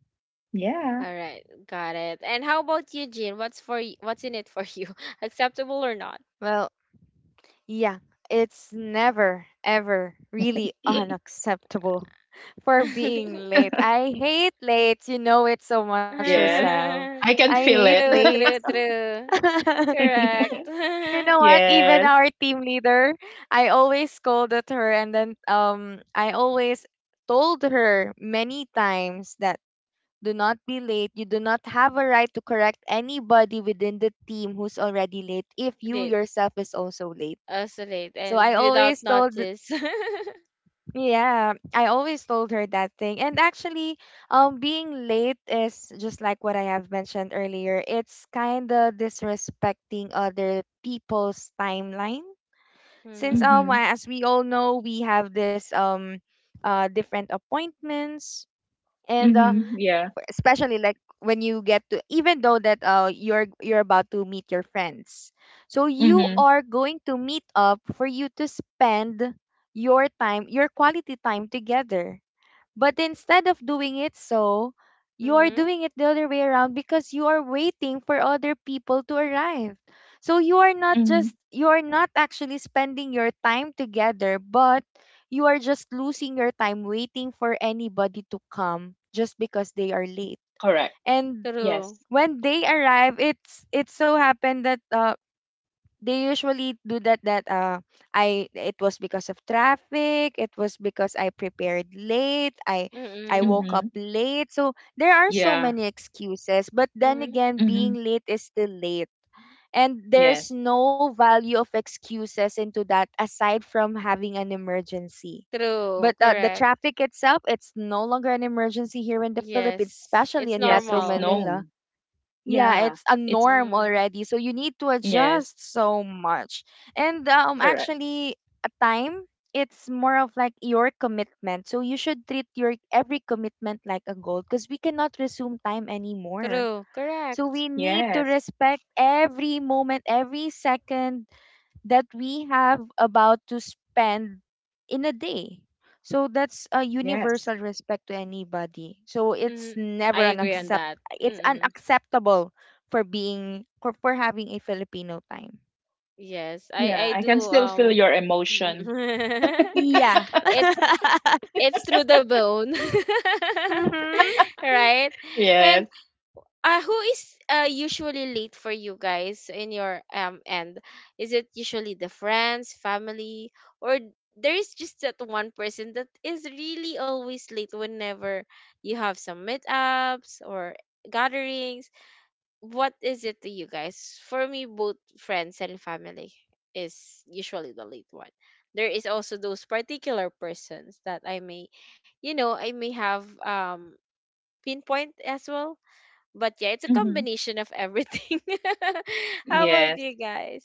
S2: Yeah.
S3: All right, got it. And how about you, Jean? What's for y- what's in it for you? Acceptable or not?
S1: Well, yeah, it's never, ever really unacceptable for being late. I hate late. You know it so much,
S2: Yes,
S1: Rosal.
S2: I
S1: I
S2: can feel
S1: hate
S2: it.
S3: True,
S1: late.
S3: true, true. Correct.
S1: You know what? Even
S2: Yes.
S1: our team leader, I always scolded her, and then I always told her many times that do not be late. You do not have a right to correct anybody within the team who's already late if you
S3: Late,
S1: yourself is also late.
S3: also late,
S1: So I
S3: and without
S1: always told
S3: notice.
S1: Yeah, I always told her that thing. And actually, being late is just like what I have mentioned earlier. It's kind of disrespecting other people's timeline. Since
S3: Mhm,
S2: Mhm.
S1: as we all know, we have this different appointments, and
S2: Mhm.
S3: mhm,
S2: Yeah.
S1: especially like when you get to, even though that you're about to meet your friends, so you
S3: mhm,
S2: Mhm.
S1: are going to meet up for you to spend your time, your quality time together. But instead of doing it so, you are
S3: mhm.
S1: doing it the other way around because you are waiting for other people to arrive. So
S2: Mhm.
S1: you are not actually spending your time together, but you are just losing your time waiting for anybody to come just because they are late.
S2: Correct.
S1: And
S3: True.
S2: Yes.
S1: when they arrive, it so happened that they usually do that that I it was because of traffic, it was because I prepared late, I
S3: Mhm,
S1: woke up
S2: Mhm.
S1: late. So there are so
S2: Yeah.
S1: many excuses, but then
S3: mhm.
S1: again being
S2: Mhm.
S1: late is still late. And
S2: Yes.
S1: there's no value of excuses into that aside from having an emergency. But
S3: True.
S1: the
S3: Correct.
S1: traffic itself, it's no longer an emergency here in the Philippines,
S3: Yes,
S1: especially
S3: it's
S1: in
S2: Yes,
S1: Metro
S2: it's
S3: normal.
S1: Manila.
S2: known.
S1: Yeah,
S2: Yeah,
S1: it's a
S2: it's,
S1: norm
S3: Mm.
S1: already. So you need to
S2: yes,
S1: adjust so much. And
S2: correct.
S1: actually, a time it's more of like your commitment. So you should treat your every commitment like a goal because we cannot resume time anymore.
S3: True.
S1: So
S3: Correct.
S1: we need
S2: Yes.
S1: to respect every moment, every second that we have about to spend in a day. So that's a
S2: Yes.
S1: universal respect to anybody. So it's
S3: Mm. I
S1: never an
S3: agree
S2: Mhm.
S3: on
S1: accept
S3: that.
S1: it's
S3: Mm.
S1: unacceptable for being, for having a Filipino time.
S3: Yes, I
S2: Yeah,
S3: I
S2: I
S3: do,
S2: can still feel
S3: um,
S2: your emotion.
S1: Yeah.
S3: it's it's through the bone.
S1: Mhm.
S3: Right? And
S2: Yes.
S3: uh, who is uh, usually late for you guys in your end? Is it usually the friends, family, or there is just that one person that is really always late whenever you have some meetups or gatherings? What is it to you guys? For me, both friends and family is usually the late one. There is also those particular persons that I may, you know, I may have pinpoint as well. But yeah, it's a
S2: Mhm.
S3: combination of everything. How about
S2: Yes.
S3: you guys,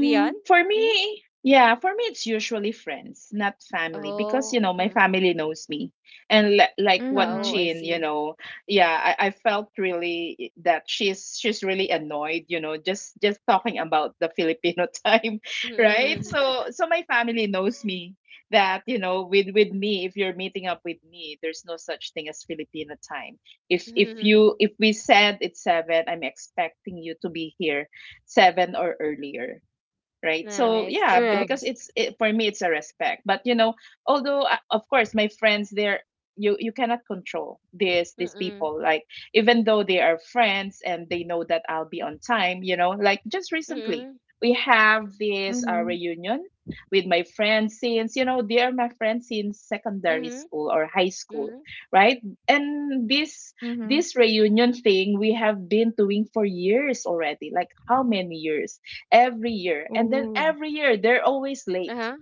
S3: Dion?
S2: for
S3: Hmm.
S2: me, yeah, for me, it's usually friends, not family, because you
S3: Oh,
S2: know my
S3: mm.
S2: family knows me, and like what
S3: Oh, I
S1: Mhm.
S2: Jean, you
S3: see.
S2: know, yeah, I felt really eh, that she's really annoyed, you know, just talking about the Filipino time, right?
S3: Mm.
S2: So so my family knows me that you know with me, if you're meeting up with me, there's no such thing as Filipino time. If you if we said it's seven, I'm expecting you to be here seven or earlier, right? So
S3: Nice,
S2: yeah,
S1: True.
S2: because
S3: correct.
S2: it's it, for me it's a respect, but you know, although, of course my friends, they're, you cannot control these
S3: Mm-mm.
S2: people, like even though they are friends and they know that I'll be on time, you know, like just recently
S3: Mm-mm.
S2: we have this
S1: Mhm.
S2: reunion with my friends, since you know they are my friends since secondary
S3: Mm-hmm.
S2: school or high
S3: Mm-hmm.
S2: school, right? And this
S1: Mhm.
S2: reunion thing we have been doing for years already, like how many years, every year. And then
S1: Ooh.
S2: every year they're always late,
S3: Uh-huh.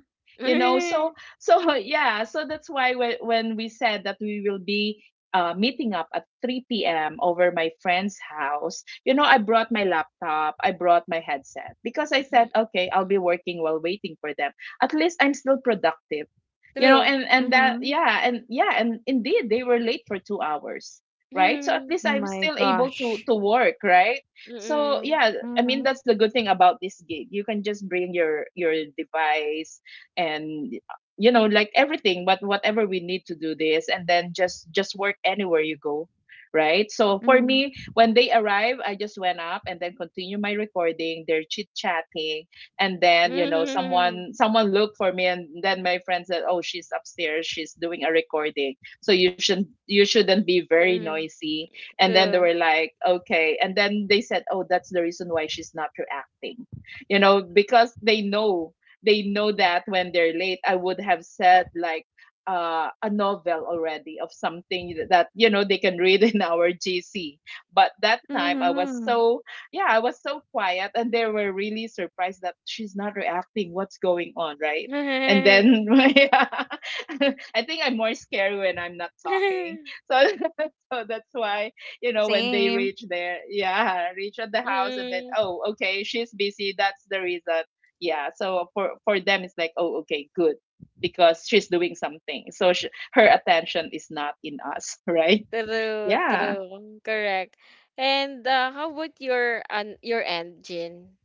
S2: you know, so so yeah, so that's why when we said that we will be meeting up at 3 p.m. over my friend's house, you know, I brought my laptop, I brought my headset because I said, okay, I'll be working while waiting for them. At least I'm still productive, you know,
S3: True.
S2: and that,
S1: Mhm.
S2: yeah, and yeah, and indeed they were late for 2 hours, right? So at
S3: Mhm.
S2: least I'm
S1: My
S2: still able
S1: gosh.
S2: to work, right? So
S3: Mm.
S2: yeah, I mean that's
S1: Mhm.
S2: the good thing about this gig. You can just bring your device, and you know, like, everything but whatever we need to do this, and then just work anywhere you go, right? So for
S1: Mhm.
S2: me, when they arrive, I just went up and then continue my recording. They're chit chatting, and then you know,
S3: Mhm.
S2: someone looked for me, and then my friend said, oh, she's upstairs, she's doing a recording, so you shouldn't be very
S3: Mm.
S2: noisy. And then they
S3: True.
S2: were like, okay, and then they said, oh, that's the reason why she's not reacting, you know, because they know, they know that when they're late, I would have said like, a novel already of something that you know they can read in our GC. But that time I was
S1: Mhm.
S2: so, yeah, I was so quiet, and they were really surprised that she's not reacting. What's going on, right? And then yeah, I think I'm more scared when I'm not talking. So, so that's why, you know, when they
S1: Same.
S2: reach there, yeah, reach at the house, and then,
S3: Mm.
S2: oh, okay, she's busy. That's the reason. Yeah, so for them it's like, oh, okay, good, because she's doing something, so sh, her attention is not in us, right?
S3: True,
S2: Yeah.
S3: true. Correct. And how about your an your end, Jin?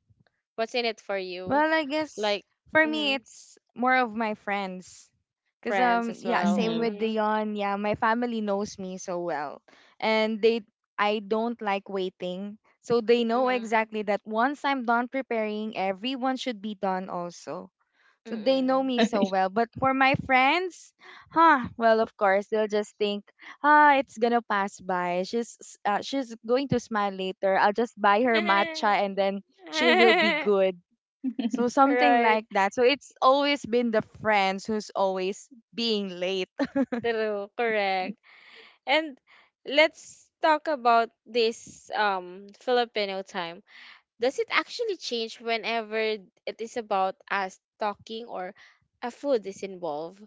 S3: What's in it for you?
S1: Well, I guess
S3: Like,
S1: for me,
S3: mm,
S1: it's more of my friends. Cause
S3: friends as
S1: yeah,
S2: Mm-hmm.
S3: well.
S1: same with
S3: Mm.
S1: Dion. Yeah, my family knows me so well, and they I don't like waiting, so they know
S3: Mm.
S1: exactly that once I'm done preparing, everyone should be done also. So they know
S3: Mm.
S1: me so well. But for my friends, huh? Well, of course they'll just think, ah, it's gonna pass by. She's going to smile later. I'll just buy her
S3: Mm.
S1: matcha and then she will be good. So something
S3: Right.
S1: like that. So it's always been the friends who's always being late.
S3: True. Correct. And let's talk about this Filipino time. Does it actually change whenever it is about us talking or a food is involved?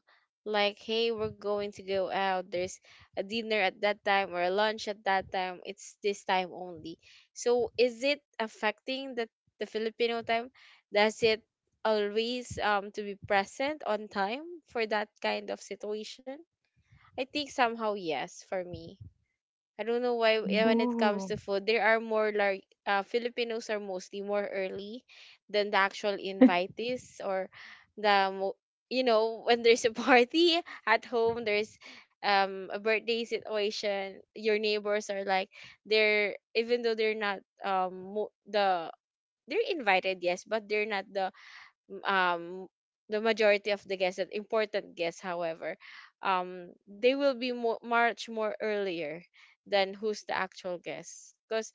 S3: Like, hey, we're going to go out. There's a dinner at that time or a lunch at that time. It's this time only. So, is it affecting the Filipino time? Does it always um, to be present on time for that kind of situation? I think somehow yes for me. I don't know why eh, when
S2: Mm.
S3: it comes
S1: Ooh.
S3: to food, there are more like Filipinos are mostly more early than the actual invitees or the mo-, you know, when there's a party at home, there's a birthday situation. Your neighbors are like, they're even though they're not um, mo-, the, they're invited yes, but they're not the um the majority of the guests, that important guests, however, they will be more, much more earlier than who's the actual guest. Because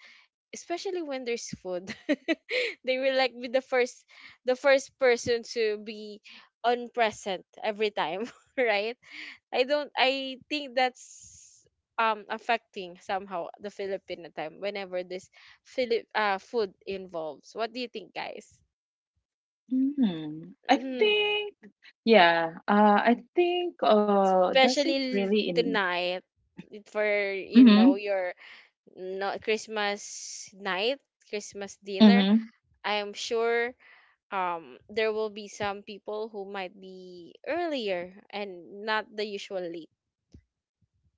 S3: especially when there's food, they will like be the first person to be on present every time, right? I don't. I think that's affecting somehow the Filipino time whenever this Philip, uh, food involves. What do you think, guys?
S2: Mm, I
S1: Hmm.
S2: think, yeah, I think, does it
S3: Especially
S2: really in,
S3: tonight for, you know,
S2: mm-hmm,
S3: your, no, Christmas night, Christmas dinner.
S2: mm-hmm.
S3: I am sure there will be some people who might be earlier and not the usual late.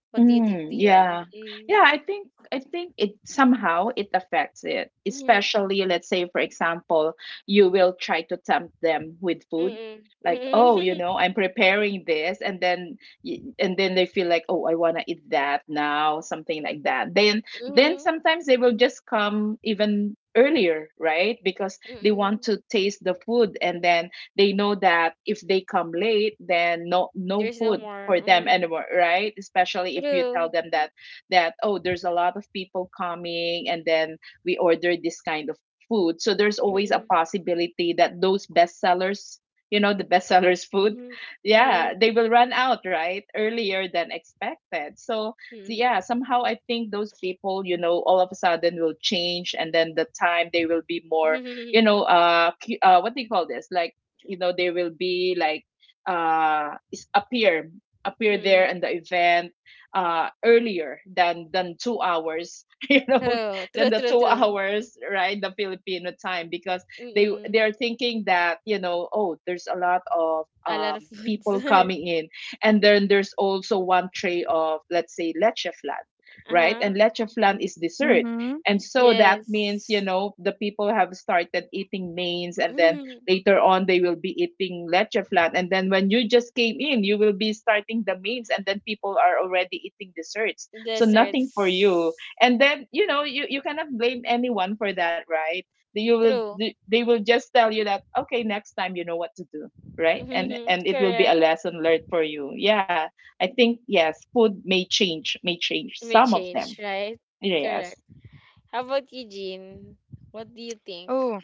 S3: What do you think,
S2: Mm, yeah.
S3: Dion? Mm.
S2: Yeah, I think it somehow it affects it.
S3: Mm-hmm.
S2: Especially let's say for example, you will try to tempt them with food.
S3: Mm-mm.
S2: Like, oh, you
S3: Mm-hmm.
S2: know, I'm preparing this, and then and then they feel like, "Oh, I want to eat that now," something like that. Then
S3: Mm-hmm.
S2: sometimes they will just come even earlier, right? Because they want
S3: Mm-hmm.
S2: to taste the food, and then they know that if they come late, then no no
S3: There's no
S2: food
S3: more.
S2: for them
S3: Mm.
S2: anymore, right? Especially if you tell
S3: True.
S2: them that, that, oh, there's a lot of people coming, and then we order this kind of food, so there's always a
S3: Mm-mm.
S2: possibility that those bestsellers, you know, the bestsellers food,
S3: Mm-hmm.
S2: yeah,
S3: Mm-hmm.
S2: they will run out right earlier than expected. So so
S3: Mm-hmm.
S2: yeah, somehow I think those people, you know, all of a sudden will change, and then the time they will be more, you
S3: Mm-hmm.
S2: know, what do you call this, like, you know, they will be like, appear, appear there in the event earlier than 2 hours you know,
S3: True.
S2: than
S3: True.
S2: the
S3: True.
S2: two
S3: True.
S2: hours right, the Filipino time, because they
S3: Mm-mm.
S2: are thinking that you know, oh, there's a lot of
S3: A lot of foods.
S2: people coming in, and then there's also one tray of, let's say, leche flan, right? And
S3: Uh-huh.
S2: leche flan is dessert,
S1: Mm-hmm.
S2: and so that means you
S3: Yes.
S2: know the people have started eating mains, and then later on they will be eating leche flan, and then when you just came in, you will be starting the mains, and then people are already eating desserts, so nothing for you.
S3: Desserts.
S2: And then you know, you cannot blame anyone for that, right? You will,
S3: True.
S2: they will just tell you that okay, next time you know what to do, right? and and it will be a
S3: Correct.
S2: lesson learned for you. Yeah, I think yes, food may change, may change
S3: May
S2: some of them.
S3: change, right?
S2: Yes.
S3: Correct. How about you, Jean? What do you think?
S1: Oh,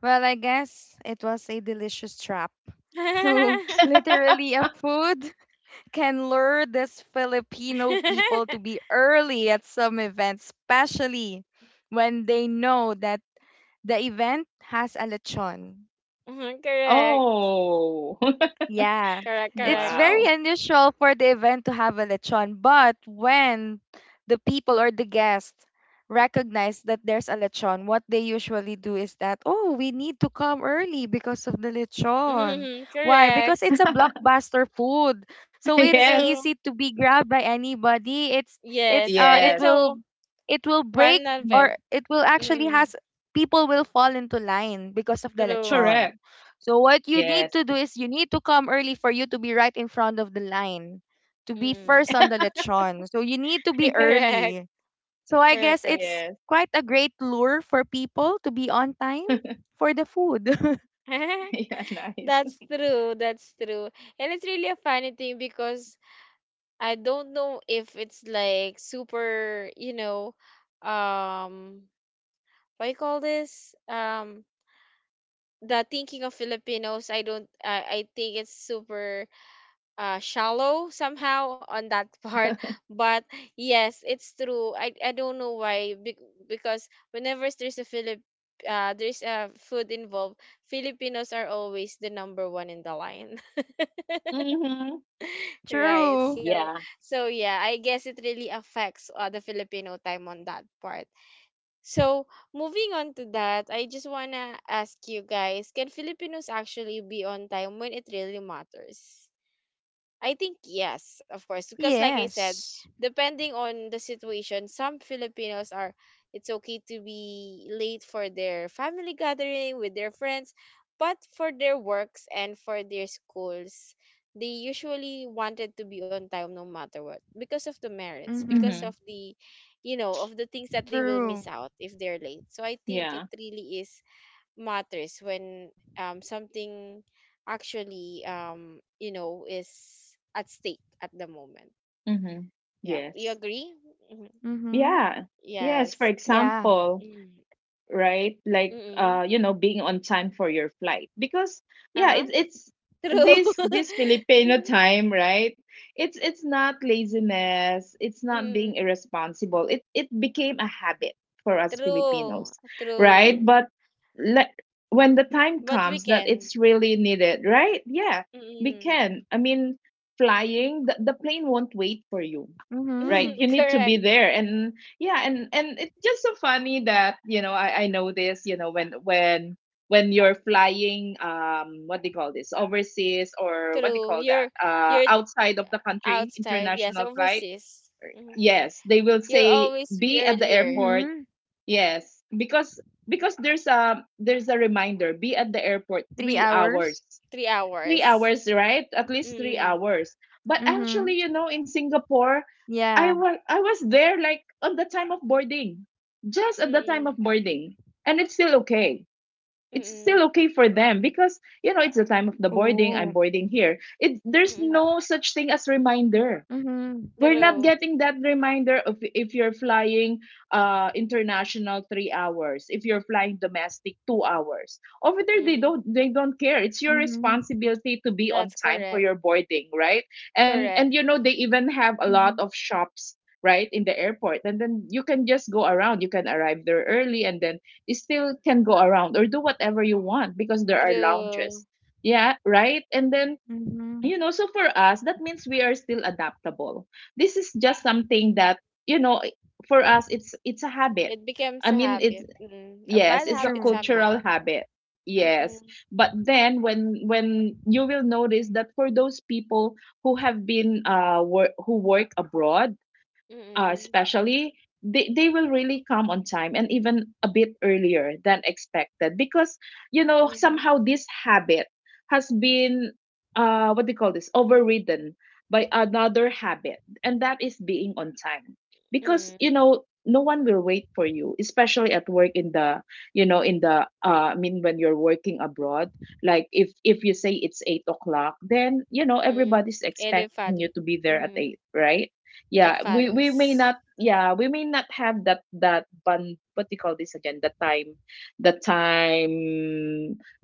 S1: well, I guess it was a delicious trap. So, literally, a food can lure this Filipino people to be early at some events, especially when they know that the event has a lechon.
S3: Mhm, correct.
S2: Oh.
S1: Yeah,
S3: Correct,
S1: it's
S3: correct.
S1: very
S2: Wow.
S1: unusual for the event to have a lechon, but when the people or the guests recognize that there's a lechon, what they usually do is that, oh, we need to come early because of the lechon.
S3: Mhm,
S1: Why? Because
S3: correct.
S1: it's a blockbuster food. So it's
S2: Yes.
S3: True.
S1: easy to be grabbed by anybody. It's
S3: Yes.
S1: uh
S3: And
S1: it
S3: it's
S2: Yes.
S3: a
S1: will
S3: w-
S1: it will break
S3: one
S2: Mhm.
S1: or
S3: event.
S1: it will actually
S3: Mm,
S1: has people will fall into line because of the
S3: true.
S1: lechon.
S2: Correct.
S1: So what you need
S2: Yes.
S1: to do is you need to come early for you to be right in front of the line, to be
S3: Mm,
S1: first on the lechon. So you need to be
S3: correct.
S1: early. So I
S3: Correct,
S1: guess
S3: correct.
S1: it's
S2: Yes.
S1: quite a great lure for people to be on time for the food.
S2: Yeah, nice.
S3: That's true. That's true. And it's really a funny thing because I don't know if it's like super, you know, um, what you call this? The thinking of Filipinos, I don't, I think it's super shallow somehow on that part. But yes, it's true. I don't know why, bec-, because whenever there's a Philip, there's a food involved, Filipinos are always the number one in the line.
S2: Mm-hmm.
S3: Right.
S1: True.
S3: So
S2: Yeah.
S3: so yeah, I guess it really affects the Filipino time on that part. So moving on to that, I just wanna ask you guys, can Filipinos actually be on time when it really matters? I think yes, of course, because like I said,
S1: Yes.
S3: depending on the situation, some Filipinos are, it's okay to be late for their family gathering with their friends, but for their works and for their schools, they usually wanted to be on time no matter what, because of the merits, because
S2: Mm-hmm.
S1: Mhm.
S3: of the, you know, of the things that they will miss
S1: True.
S3: out if they're late. So I think it
S2: Yeah.
S3: really is, matters when something actually um, you know, is at stake at the moment.
S2: Mm-hmm.
S3: Yeah, you
S2: Yes.
S3: agree? Hmm.
S1: Mhm.
S2: Yeah. Yes. For
S3: Yes.
S1: Yeah.
S2: example,
S3: Mm.
S2: right? Like
S3: Mm-mm.
S2: you know, being on time for your flight. Because yeah,
S3: Uh-huh.
S2: it's
S3: True.
S2: this this Filipino time, right? It's not laziness, it's not being
S3: Mm.
S2: irresponsible. It became a habit for us
S3: True.
S2: Filipinos,
S3: True.
S2: right? But like when the time
S3: But we
S2: comes that
S3: can.
S2: it's really needed, right? Yeah, we
S3: Mm-mm.
S2: can. I mean, flying, the plane won't wait for you,
S1: Mhm.
S2: right? You need to
S3: Correct.
S2: be there. And yeah, and it's just so funny that, you know, I know this, you know, when when you're flying, um, what do you call this, overseas, or what do you
S3: True.
S2: call that,
S3: You're
S2: outside of the country,
S3: outside. Yes,
S2: international flight,
S3: overseas. Hmm.
S2: yes, they will
S3: You'll
S2: say
S3: always be
S2: be at the
S1: Mhm.
S3: earlier.
S2: airport, yes, because there's a, there's a reminder, be at the
S1: 3
S2: airport 3
S1: hours.
S2: hours.
S3: Three
S2: Three
S3: hours.
S2: hours, right? At least three
S3: Mm.
S2: hours. But
S1: Mhm.
S2: actually, you know, in Singapore,
S1: Yeah.
S2: I was there like on the time of boarding, just at the time
S3: Mm-mm.
S2: of boarding, and it's still okay. It's
S3: Mm-mm.
S2: still okay for them, because you know, it's the time of the
S1: Oh.
S2: boarding. I'm boarding here. It there's
S3: Mm,
S2: no such thing as reminder.
S1: Mhm.
S2: We're not
S3: true.
S2: getting that reminder of if you're flying international 3 hours, if you're flying domestic 2 hours. Over there, they
S3: Mhm.
S2: don't, they don't care. It's your
S1: Mhm.
S2: responsibility to be on
S3: That's
S2: time for
S3: correct.
S2: your boarding, right? And
S3: Correct.
S2: you know, they even have a
S1: Mhm.
S2: lot of shops right in the airport, and then you can just go around. You can arrive there early and then you still can go around or do whatever you want, because there are
S3: True.
S2: lounges, yeah, right. And then
S1: Mhm.
S2: you know, so for us, that means we are still adaptable. This is just something that, you know, for us it's a habit.
S3: It becomes
S2: i
S3: a
S2: mean it's
S3: habit. Mm, a
S2: yes,
S3: bad
S2: it's a
S1: True.
S3: habit
S2: cultural
S3: somehow.
S2: habit, yes.
S3: Mm-mm.
S2: But then when you will notice that for those people who have been who work abroad,
S3: Mm-mm.
S2: especially, they will really come on time and even a bit earlier than expected, because you know,
S3: Mm-hmm.
S2: somehow this habit has been, what do you call this, overridden by another habit, and that is being on time. Because you
S3: Mm-mm.
S2: know, no one will wait for you, especially at work in the, you know, in the I mean when you're working abroad, like if you say it's 8 o'clock, then you know
S3: Mm-mm.
S2: everybody's
S3: It will
S2: expecting
S3: follow.
S2: you to be there at
S3: Mm,
S2: eight, right?
S3: it
S2: Yeah, we may
S3: follows.
S2: not, yeah, we may not have that that bun what do you call this again? The time, the time,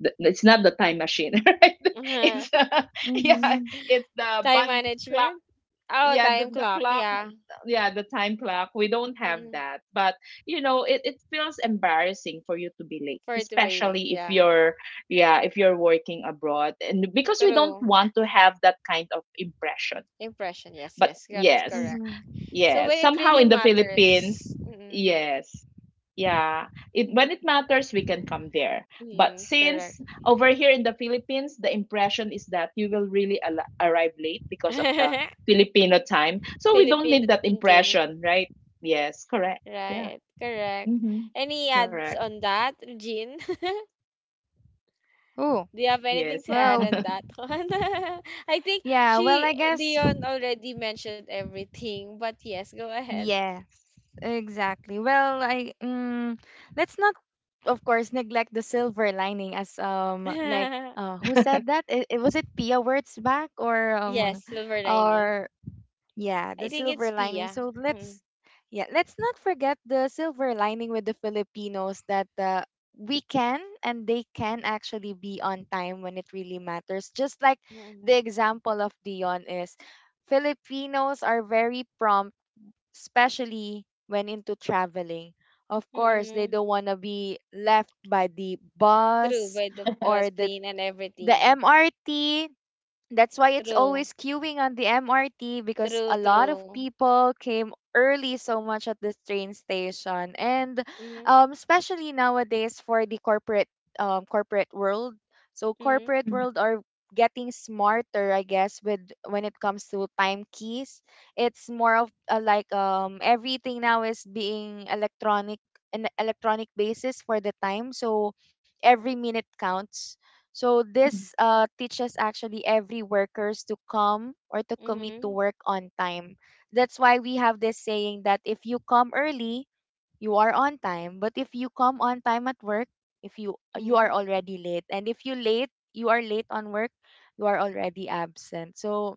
S2: the, it's not the time machine, right? It's yeah,
S1: Mm-hmm.
S2: it's the
S3: Time
S2: bun clock.
S3: management? Oh,
S2: Yeah,
S3: time
S2: the
S3: clock.
S2: clock,
S3: Yeah.
S2: yeah, the time clock. We don't have
S3: Mm-mm.
S2: that. But you know, it feels embarrassing for you to be late,
S3: For it to be late.
S2: especially if
S3: Yeah.
S2: you're, yeah, if you're working abroad. And because we don't
S3: True.
S2: want to have that kind of impression.
S3: Impression. Yes,
S2: But
S3: yes. That's
S2: yes,
S3: correct.
S1: Mm-hmm.
S3: So
S2: yeah,
S3: when it really
S2: somehow in the Philippines,
S3: matters. Mm-mm.
S2: yes. Yeah, it when it matters, we can come there. But
S3: Mm-mm. Correct.
S2: since over here in the Philippines, the impression is that you will really arrive late because of the Filipino time. So we don't
S3: Filipino
S2: need that
S3: thinking.
S2: impression, right? Yes, correct. Yeah.
S3: Right. Correct.
S2: Mm-hmm.
S3: Any
S2: Correct.
S3: ads on that, Jean?
S1: Oh,
S3: Do you have
S2: Yes.
S3: anything to add
S1: well,
S3: on that one? I think
S1: yeah, well,
S3: she,
S1: I guess
S3: Dion already mentioned everything, but yes, go ahead.
S1: yes, exactly. Well, I let's not, of course, neglect the silver lining, as like who said that? It was it Pia Wurtzbach
S3: Yes, silver lining.
S1: or yeah,
S3: I
S1: the
S3: think it's
S1: silver lining.
S3: Pia.
S1: So
S3: Mm,
S1: let's not forget the silver lining with the Filipinos that we can and they can actually be on time when it really matters. Just like the
S3: mm,
S1: example of Dion is, Filipinos are very prompt, especially when into traveling. Of course, they
S3: mm,
S1: don't want to be left by the
S3: true,
S1: bus
S3: by the
S1: or
S3: bus, plane and
S1: the
S3: everything.
S1: MRT. That's why it's
S3: True,
S1: always queuing on the MRT because
S3: true,
S1: a lot of
S3: true.
S1: people came early so much at this train station. And
S3: Mm-hmm,
S1: especially nowadays for the corporate corporate world. So
S3: mm-hmm,
S1: corporate
S2: Mhm,
S1: world are getting smarter, I guess, with when it comes to time keys. It's more of like everything now is being electronic an electronic basis for the time. So every minute counts, so
S2: mhm.
S1: this teaches actually every workers to come or to commit to work on time. That's why we have this saying that if you come early, you are on time. But if you come on time at work, if you
S3: mm-hmm,
S1: are already late, and if you late, you are late on work, you are already absent. So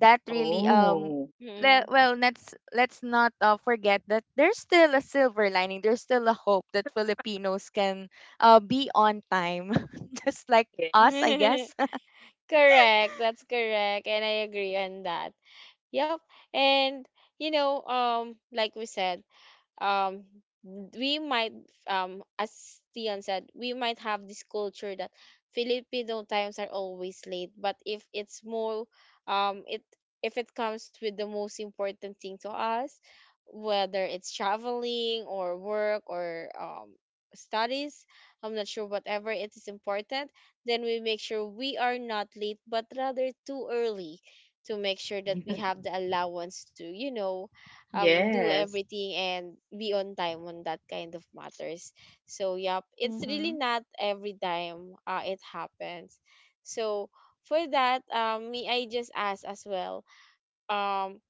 S1: that really
S2: Oh,
S1: well, let's not forget that there's still a silver lining, there's still a hope that Filipinos can be on time just like
S2: yes.
S1: us, I
S3: mm-hmm.
S1: guess.
S3: Correct, that's correct, and I agree on that. Yep. And you know, like we said, um we might as Tian said, we might have this culture that Filipino times are always late, but if it's more um, it, if it comes with the most important thing to us, whether it's traveling or work or studies, I'm not sure whatever it is important, then we make sure we are not late but rather too early, to make sure that we have the allowance to, you know, do
S2: Yes.
S3: everything and be on time on that kind of matters. So yep, it's
S1: Mm-hmm.
S3: really not every time it happens. So for that may I just ask as well, um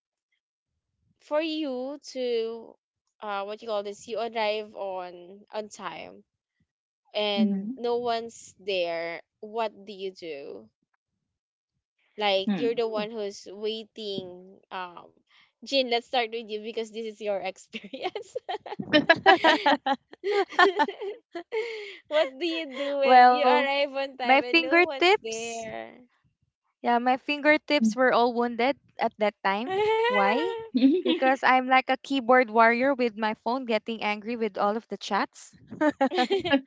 S3: for you to uh, what you call this, you arrive on time and
S2: Mm-hmm.
S3: no one's there, what do you do, like you're the one
S1: Ooh.
S3: who's waiting, um, Jin, let's start with you because this is your experience. What do you do when you
S1: Well,
S3: arrive on
S1: my
S3: time and no one's
S1: fingertips
S3: there?
S1: yeah my
S2: Hmm.
S1: fingertips were all wounded at that time. Why? Because I'm like a keyboard warrior with my phone, getting angry with all of the chats.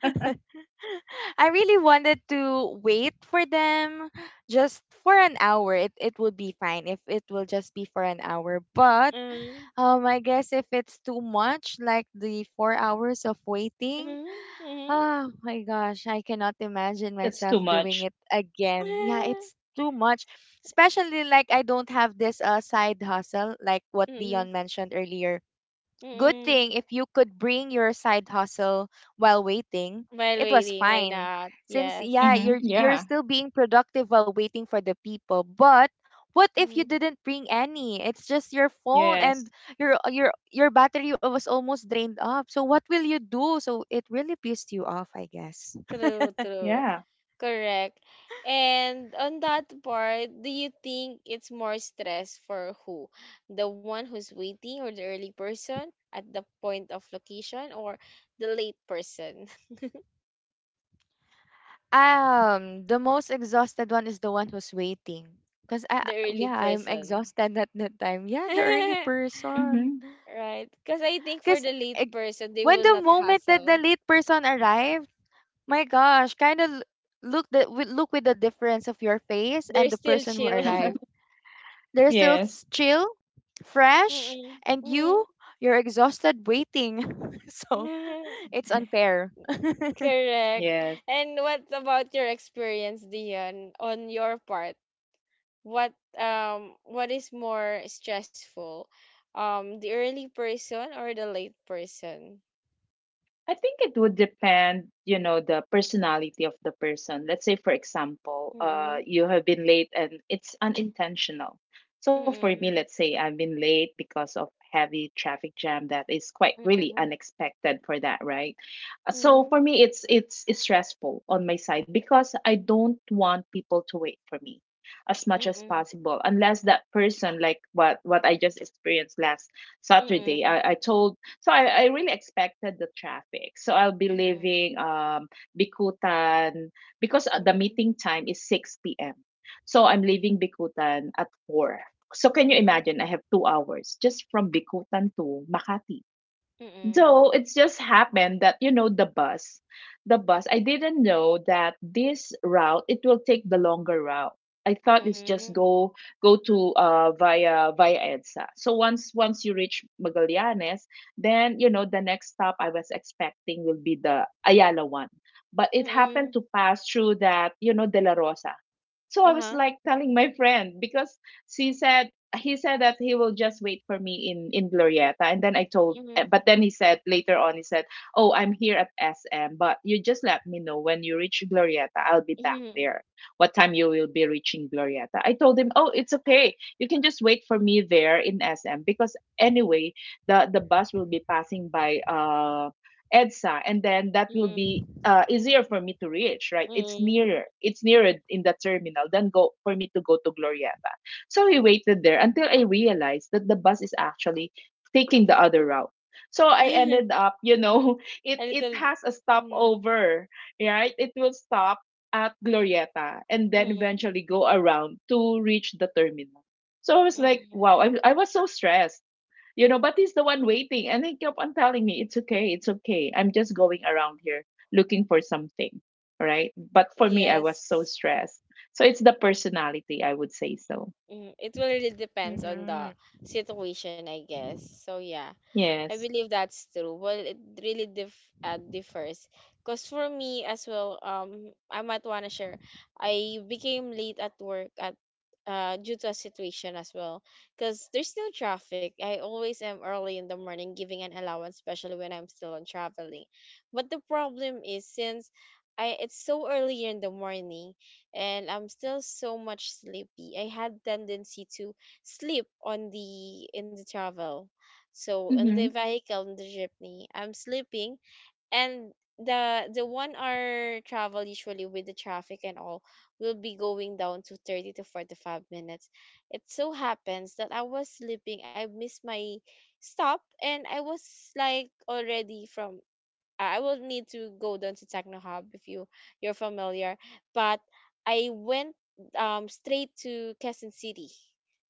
S1: I really wanted to wait for them just for an hour. It would be fine if it will just be for an hour. But
S3: Mm,
S1: I guess if it's too much, like the 4 hours of waiting,
S3: mhm, mhm.
S1: oh my gosh, I cannot imagine
S2: That's
S1: myself
S2: too
S1: doing
S2: much.
S1: it again. Yeah, it's too much. Especially like I don't have this side hustle like
S3: Mm,
S1: what
S3: mm,
S1: Dion mentioned earlier. Good
S3: mm.
S1: thing if you could bring your side hustle while waiting,
S3: While
S1: it was
S3: waiting, why
S1: fine.
S3: not?
S1: Since yeah,
S3: Yes.
S2: Mhm.
S1: you're
S2: Yeah.
S1: still being productive while waiting for the people. But what if you didn't bring any? It's just your phone and
S2: Yes.
S1: your your your battery was almost drained up. So what will you do? So it really pissed you off, I guess.
S3: True, true.
S2: Yeah.
S3: Correct. And on that part, do you think it's more stress for who? The one who's waiting or the early person at the point of location or the late person?
S1: The most exhausted one is the one who's waiting. Cause I
S3: The early
S1: Yeah, I'm
S3: person.
S1: exhausted at that time. Yeah, the early person.
S2: Mhm.
S3: Right? Because I think for
S1: Because
S3: the late person, they
S1: when
S3: will
S1: the
S3: not
S1: moment that the
S3: hassle.
S1: late person arrived, my gosh, kind of look with the difference of your face and
S3: They're
S1: the
S3: still
S1: person who
S3: chill.
S1: arrived. They're still
S2: Yes.
S1: chill, fresh,
S3: Mm-mm.
S1: and
S3: Mm.
S1: you're exhausted waiting. So it's unfair.
S3: Correct.
S2: Yes.
S3: And what about your experience, Dion, on your part? What what is more stressful, the early person or the late person?
S2: I think it would depend, you know, the personality of the person. Let's say, for example,
S3: Mm-mm,
S2: you have been late and it's unintentional. So for me, let's
S3: mm-mm,
S2: say I've been late because of heavy traffic jam that is quite really
S3: mm-mm,
S2: unexpected for that, right? So
S3: mm-mm,
S2: for me, it's stressful on my side because I don't want people to wait for me as much as
S3: mm-mm,
S2: possible, unless that person, like what I just experienced last saturday
S3: mm-mm,
S2: I told, so I really expected the traffic. So I'll be
S3: mm-mm,
S2: leaving Bikutan, because the
S3: mm-mm,
S2: meeting time is 6 p.m. So I'm leaving Bikutan at 4. So can you
S3: mm-mm,
S2: imagine? I have 2 hours just from Bikutan to Makati.
S3: mm-mm,
S2: So it's just happened that you know the bus, the bus. I didn't know that this route it will take the longer route. I thought it's just
S3: mm-mm,
S2: go, go to via EDSA. So once you reach Magallanes, then you know the next stop I was expecting will be the Ayala one. But it happened
S3: mm-mm,
S2: to pass through that, you know, De La Rosa. So I was
S3: uh-huh,
S2: like telling my friend because, so he said that he will just wait for me in Glorieta, and then I told.
S3: mm-mm,
S2: Eh, But then he said later on, he said, "Oh, I'm here at SM, but you just let me know when you reach Glorieta. I'll be back
S3: mm-mm,
S2: there. What time you will be reaching Glorieta?" I told him, "Oh, it's okay. You can just wait for me there in SM because anyway, the bus will be passing by EDSA, and then that will be
S3: mm-mm,
S2: easier for me to reach, right? It's
S3: mm-mm.
S2: nearer. It's nearer in the terminal than go for me to go to Glorieta. So we waited there until I realized that the bus is actually taking the other route. So I ended up, you know,
S3: A
S2: it
S3: little,
S2: has a
S3: mm-mm,
S2: stopover, right? It will stop at Glorieta and then
S3: mm-mm,
S2: eventually go around to reach the terminal. So I was like,
S3: mm-mm.
S2: wow, I was so stressed. You know, but he's the one waiting and he kept on telling me, It's okay, it's okay. I'm just going around here looking for something. Right. But for me I was so
S3: Yes,
S2: stressed. So it's the personality, I would say so.
S3: mm, it will really depends on the
S1: Hmm.
S3: situation, I guess, so yeah. I
S2: Yes.
S3: believe that's true. Well, it really dif- differs. Because for me as well, I might want to share, I became late at work at due to a situation as well. Because there's no traffic. I always am early in the morning giving an allowance, especially when I'm still on traveling. But the problem is since I, it's so early in the morning and I'm still so much sleepy. I had tendency to sleep on the in the travel, so in the
S2: Mhm.
S3: vehicle, in the jeepney, I'm sleeping. And the 1 hour travel, usually with the traffic and all, will be going down to 30 to 45 minutes. It so happens that I was sleeping, I missed my stop, and I was like already from I will need to go down to Techno Hub, if you're familiar. But I went straight to Quezon City,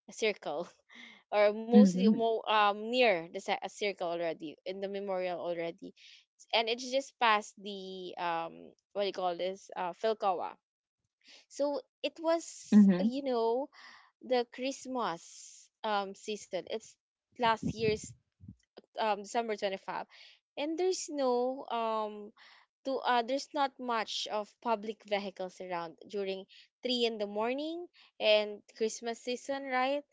S3: a circle,
S2: Mhm.
S3: or mostly near the a circle already in the memorial already, and it's just past the what do you call this, Philcoa. So it
S2: Mhm.
S3: was, you know, the Christmas season. It's last year's, December 25, and there's no to there's not much of public vehicles around during 3 in the morning and Christmas season, right?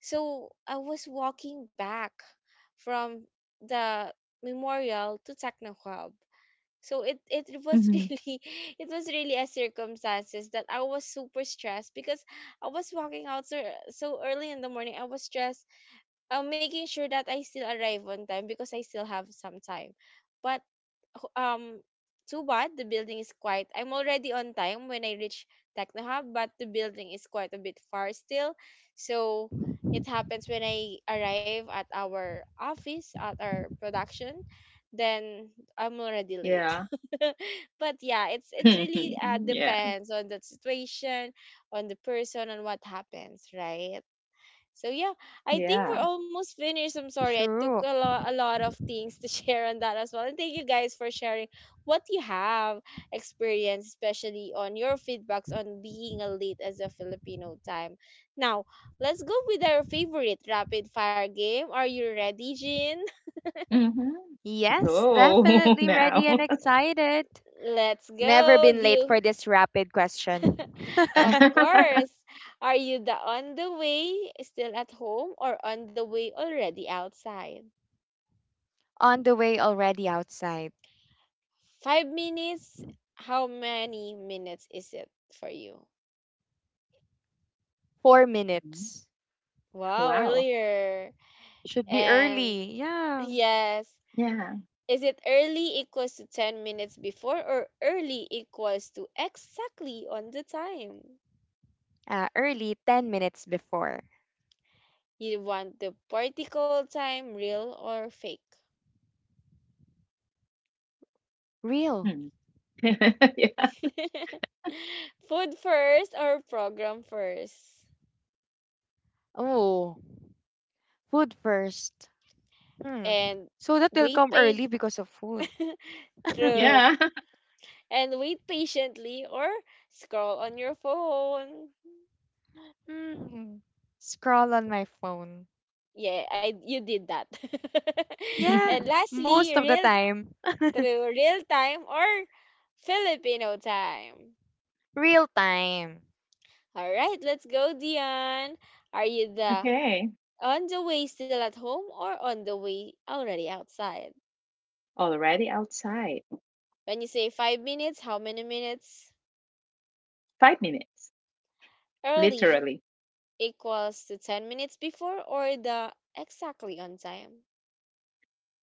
S3: So I was walking back from the memorial to Techno Hub. So it
S2: Mhm.
S3: was really, it was really a circumstances that I was super stressed, because I was walking out so, so early in the morning. I was stressed, making sure that I still arrive on time because I still have some time. But um too bad the building is quite. I'm already on time when I reach Techno Hub, but the building is quite a bit far still. So it happens when I arrive at our office, at our production, then I'm already
S2: Yeah.
S3: late. But yeah, it's it's really,
S2: Yeah.
S3: depends on the situation, on the person, on what happens, right? So yeah, I think
S2: Yeah.
S3: we're almost finished. I'm sorry, I took
S1: True.
S3: a lot of things to share on that as well. And thank you guys for sharing what you have experienced, especially on your feedbacks on being a lead as a Filipino time. Now, let's go with our favorite rapid fire game. Are you ready, Jin?
S2: Mhm.
S1: Yes,
S2: Go
S1: definitely
S2: now.
S1: ready and excited.
S3: Let's
S1: Never
S3: go.
S1: been
S3: Do
S1: late for
S3: you,
S1: this rapid question.
S3: of course. Are you the on the way, still at home, or on the way already outside?
S1: On the way already outside.
S3: 5 minutes? How many minutes is it for you?
S1: Four
S2: Mm.
S1: minutes.
S3: Wow,
S2: Wow.
S3: earlier.
S1: Should be
S3: And
S1: early. Yeah.
S3: yes,
S2: Yeah.
S3: is it early equals to 10 minutes before or early equals to exactly on the time?
S1: Early, 10 minutes before.
S3: You want the particle time, real or fake?
S1: Real.
S2: Hmm. Yeah.
S3: Food first or program first?
S1: Oh, food first. Hmm.
S3: And
S1: So that they'll
S3: wait,
S1: come early
S3: pay.
S1: because of food.
S3: True.
S2: Yeah.
S3: And wait patiently or scroll on your phone?
S1: Hmm. Scroll on my phone.
S3: Yeah, I, you did that.
S1: Yeah.
S3: And lastly,
S1: Most of the
S3: real
S1: time.
S3: through real time or Filipino time?
S1: Real time.
S3: All right, let's go, Dion. Are you the
S2: Okay.
S3: on the way, still at home, or on the way already outside?
S2: Already outside.
S3: When you say 5 minutes, how many minutes?
S2: 5 minutes.
S3: Early
S2: Literally.
S3: equals to 10 minutes before or the exactly on time?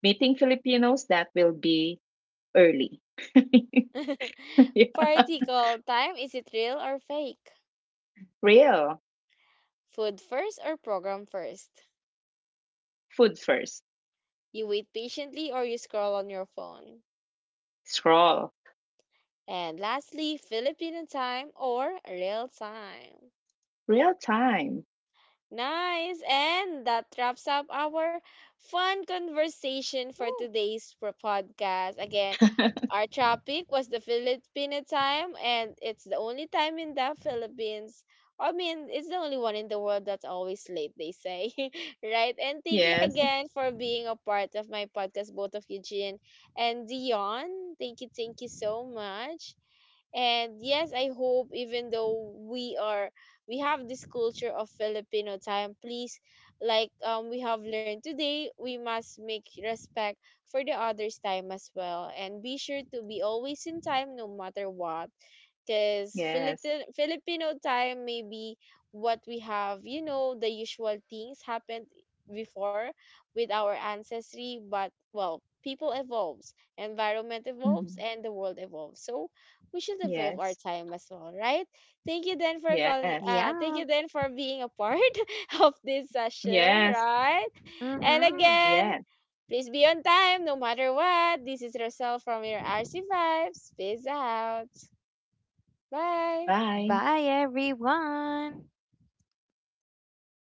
S2: Meeting Filipinos that will be early. Yeah.
S3: Particle time, is it real or fake?
S2: Real.
S3: Food first or program first?
S2: Food first.
S3: You wait patiently or you scroll on your phone?
S2: Scroll.
S3: And lastly, Filipino time or real time?
S2: Real time.
S3: Nice. And that wraps up our fun conversation for
S1: Ooh.
S3: today's podcast. Again, our topic was the Filipino time, and it's the only time in the Philippines. I mean, it's the only one in the world that's always late, they say. Right? And thank you
S2: Yes.
S3: again for being a part of my podcast, both of Eugene and Dion. Thank you so much. And yes, I hope even though we are, we have this culture of Filipino time, please, like we have learned today, we must make respect for the others' time as well and be sure to be always in time no matter what, because
S2: Yes.
S3: Filipino time maybe what we have, you know, the usual things happened before with our ancestry. But well, people evolves, environment evolves,
S2: Mhm.
S3: and the world evolves. So we should evolve our
S2: Yes.
S3: time as well, right? Thank you then for calling,
S2: Yes.
S3: thank
S1: Yeah.
S3: you then for being a part of this session,
S2: Yes.
S3: right? And
S1: Mm-hmm.
S3: again,
S2: Yes.
S3: please be on time no matter what. This is Roselle from your RC Vibes. Peace out. Bye.
S2: Bye.
S1: Bye, everyone.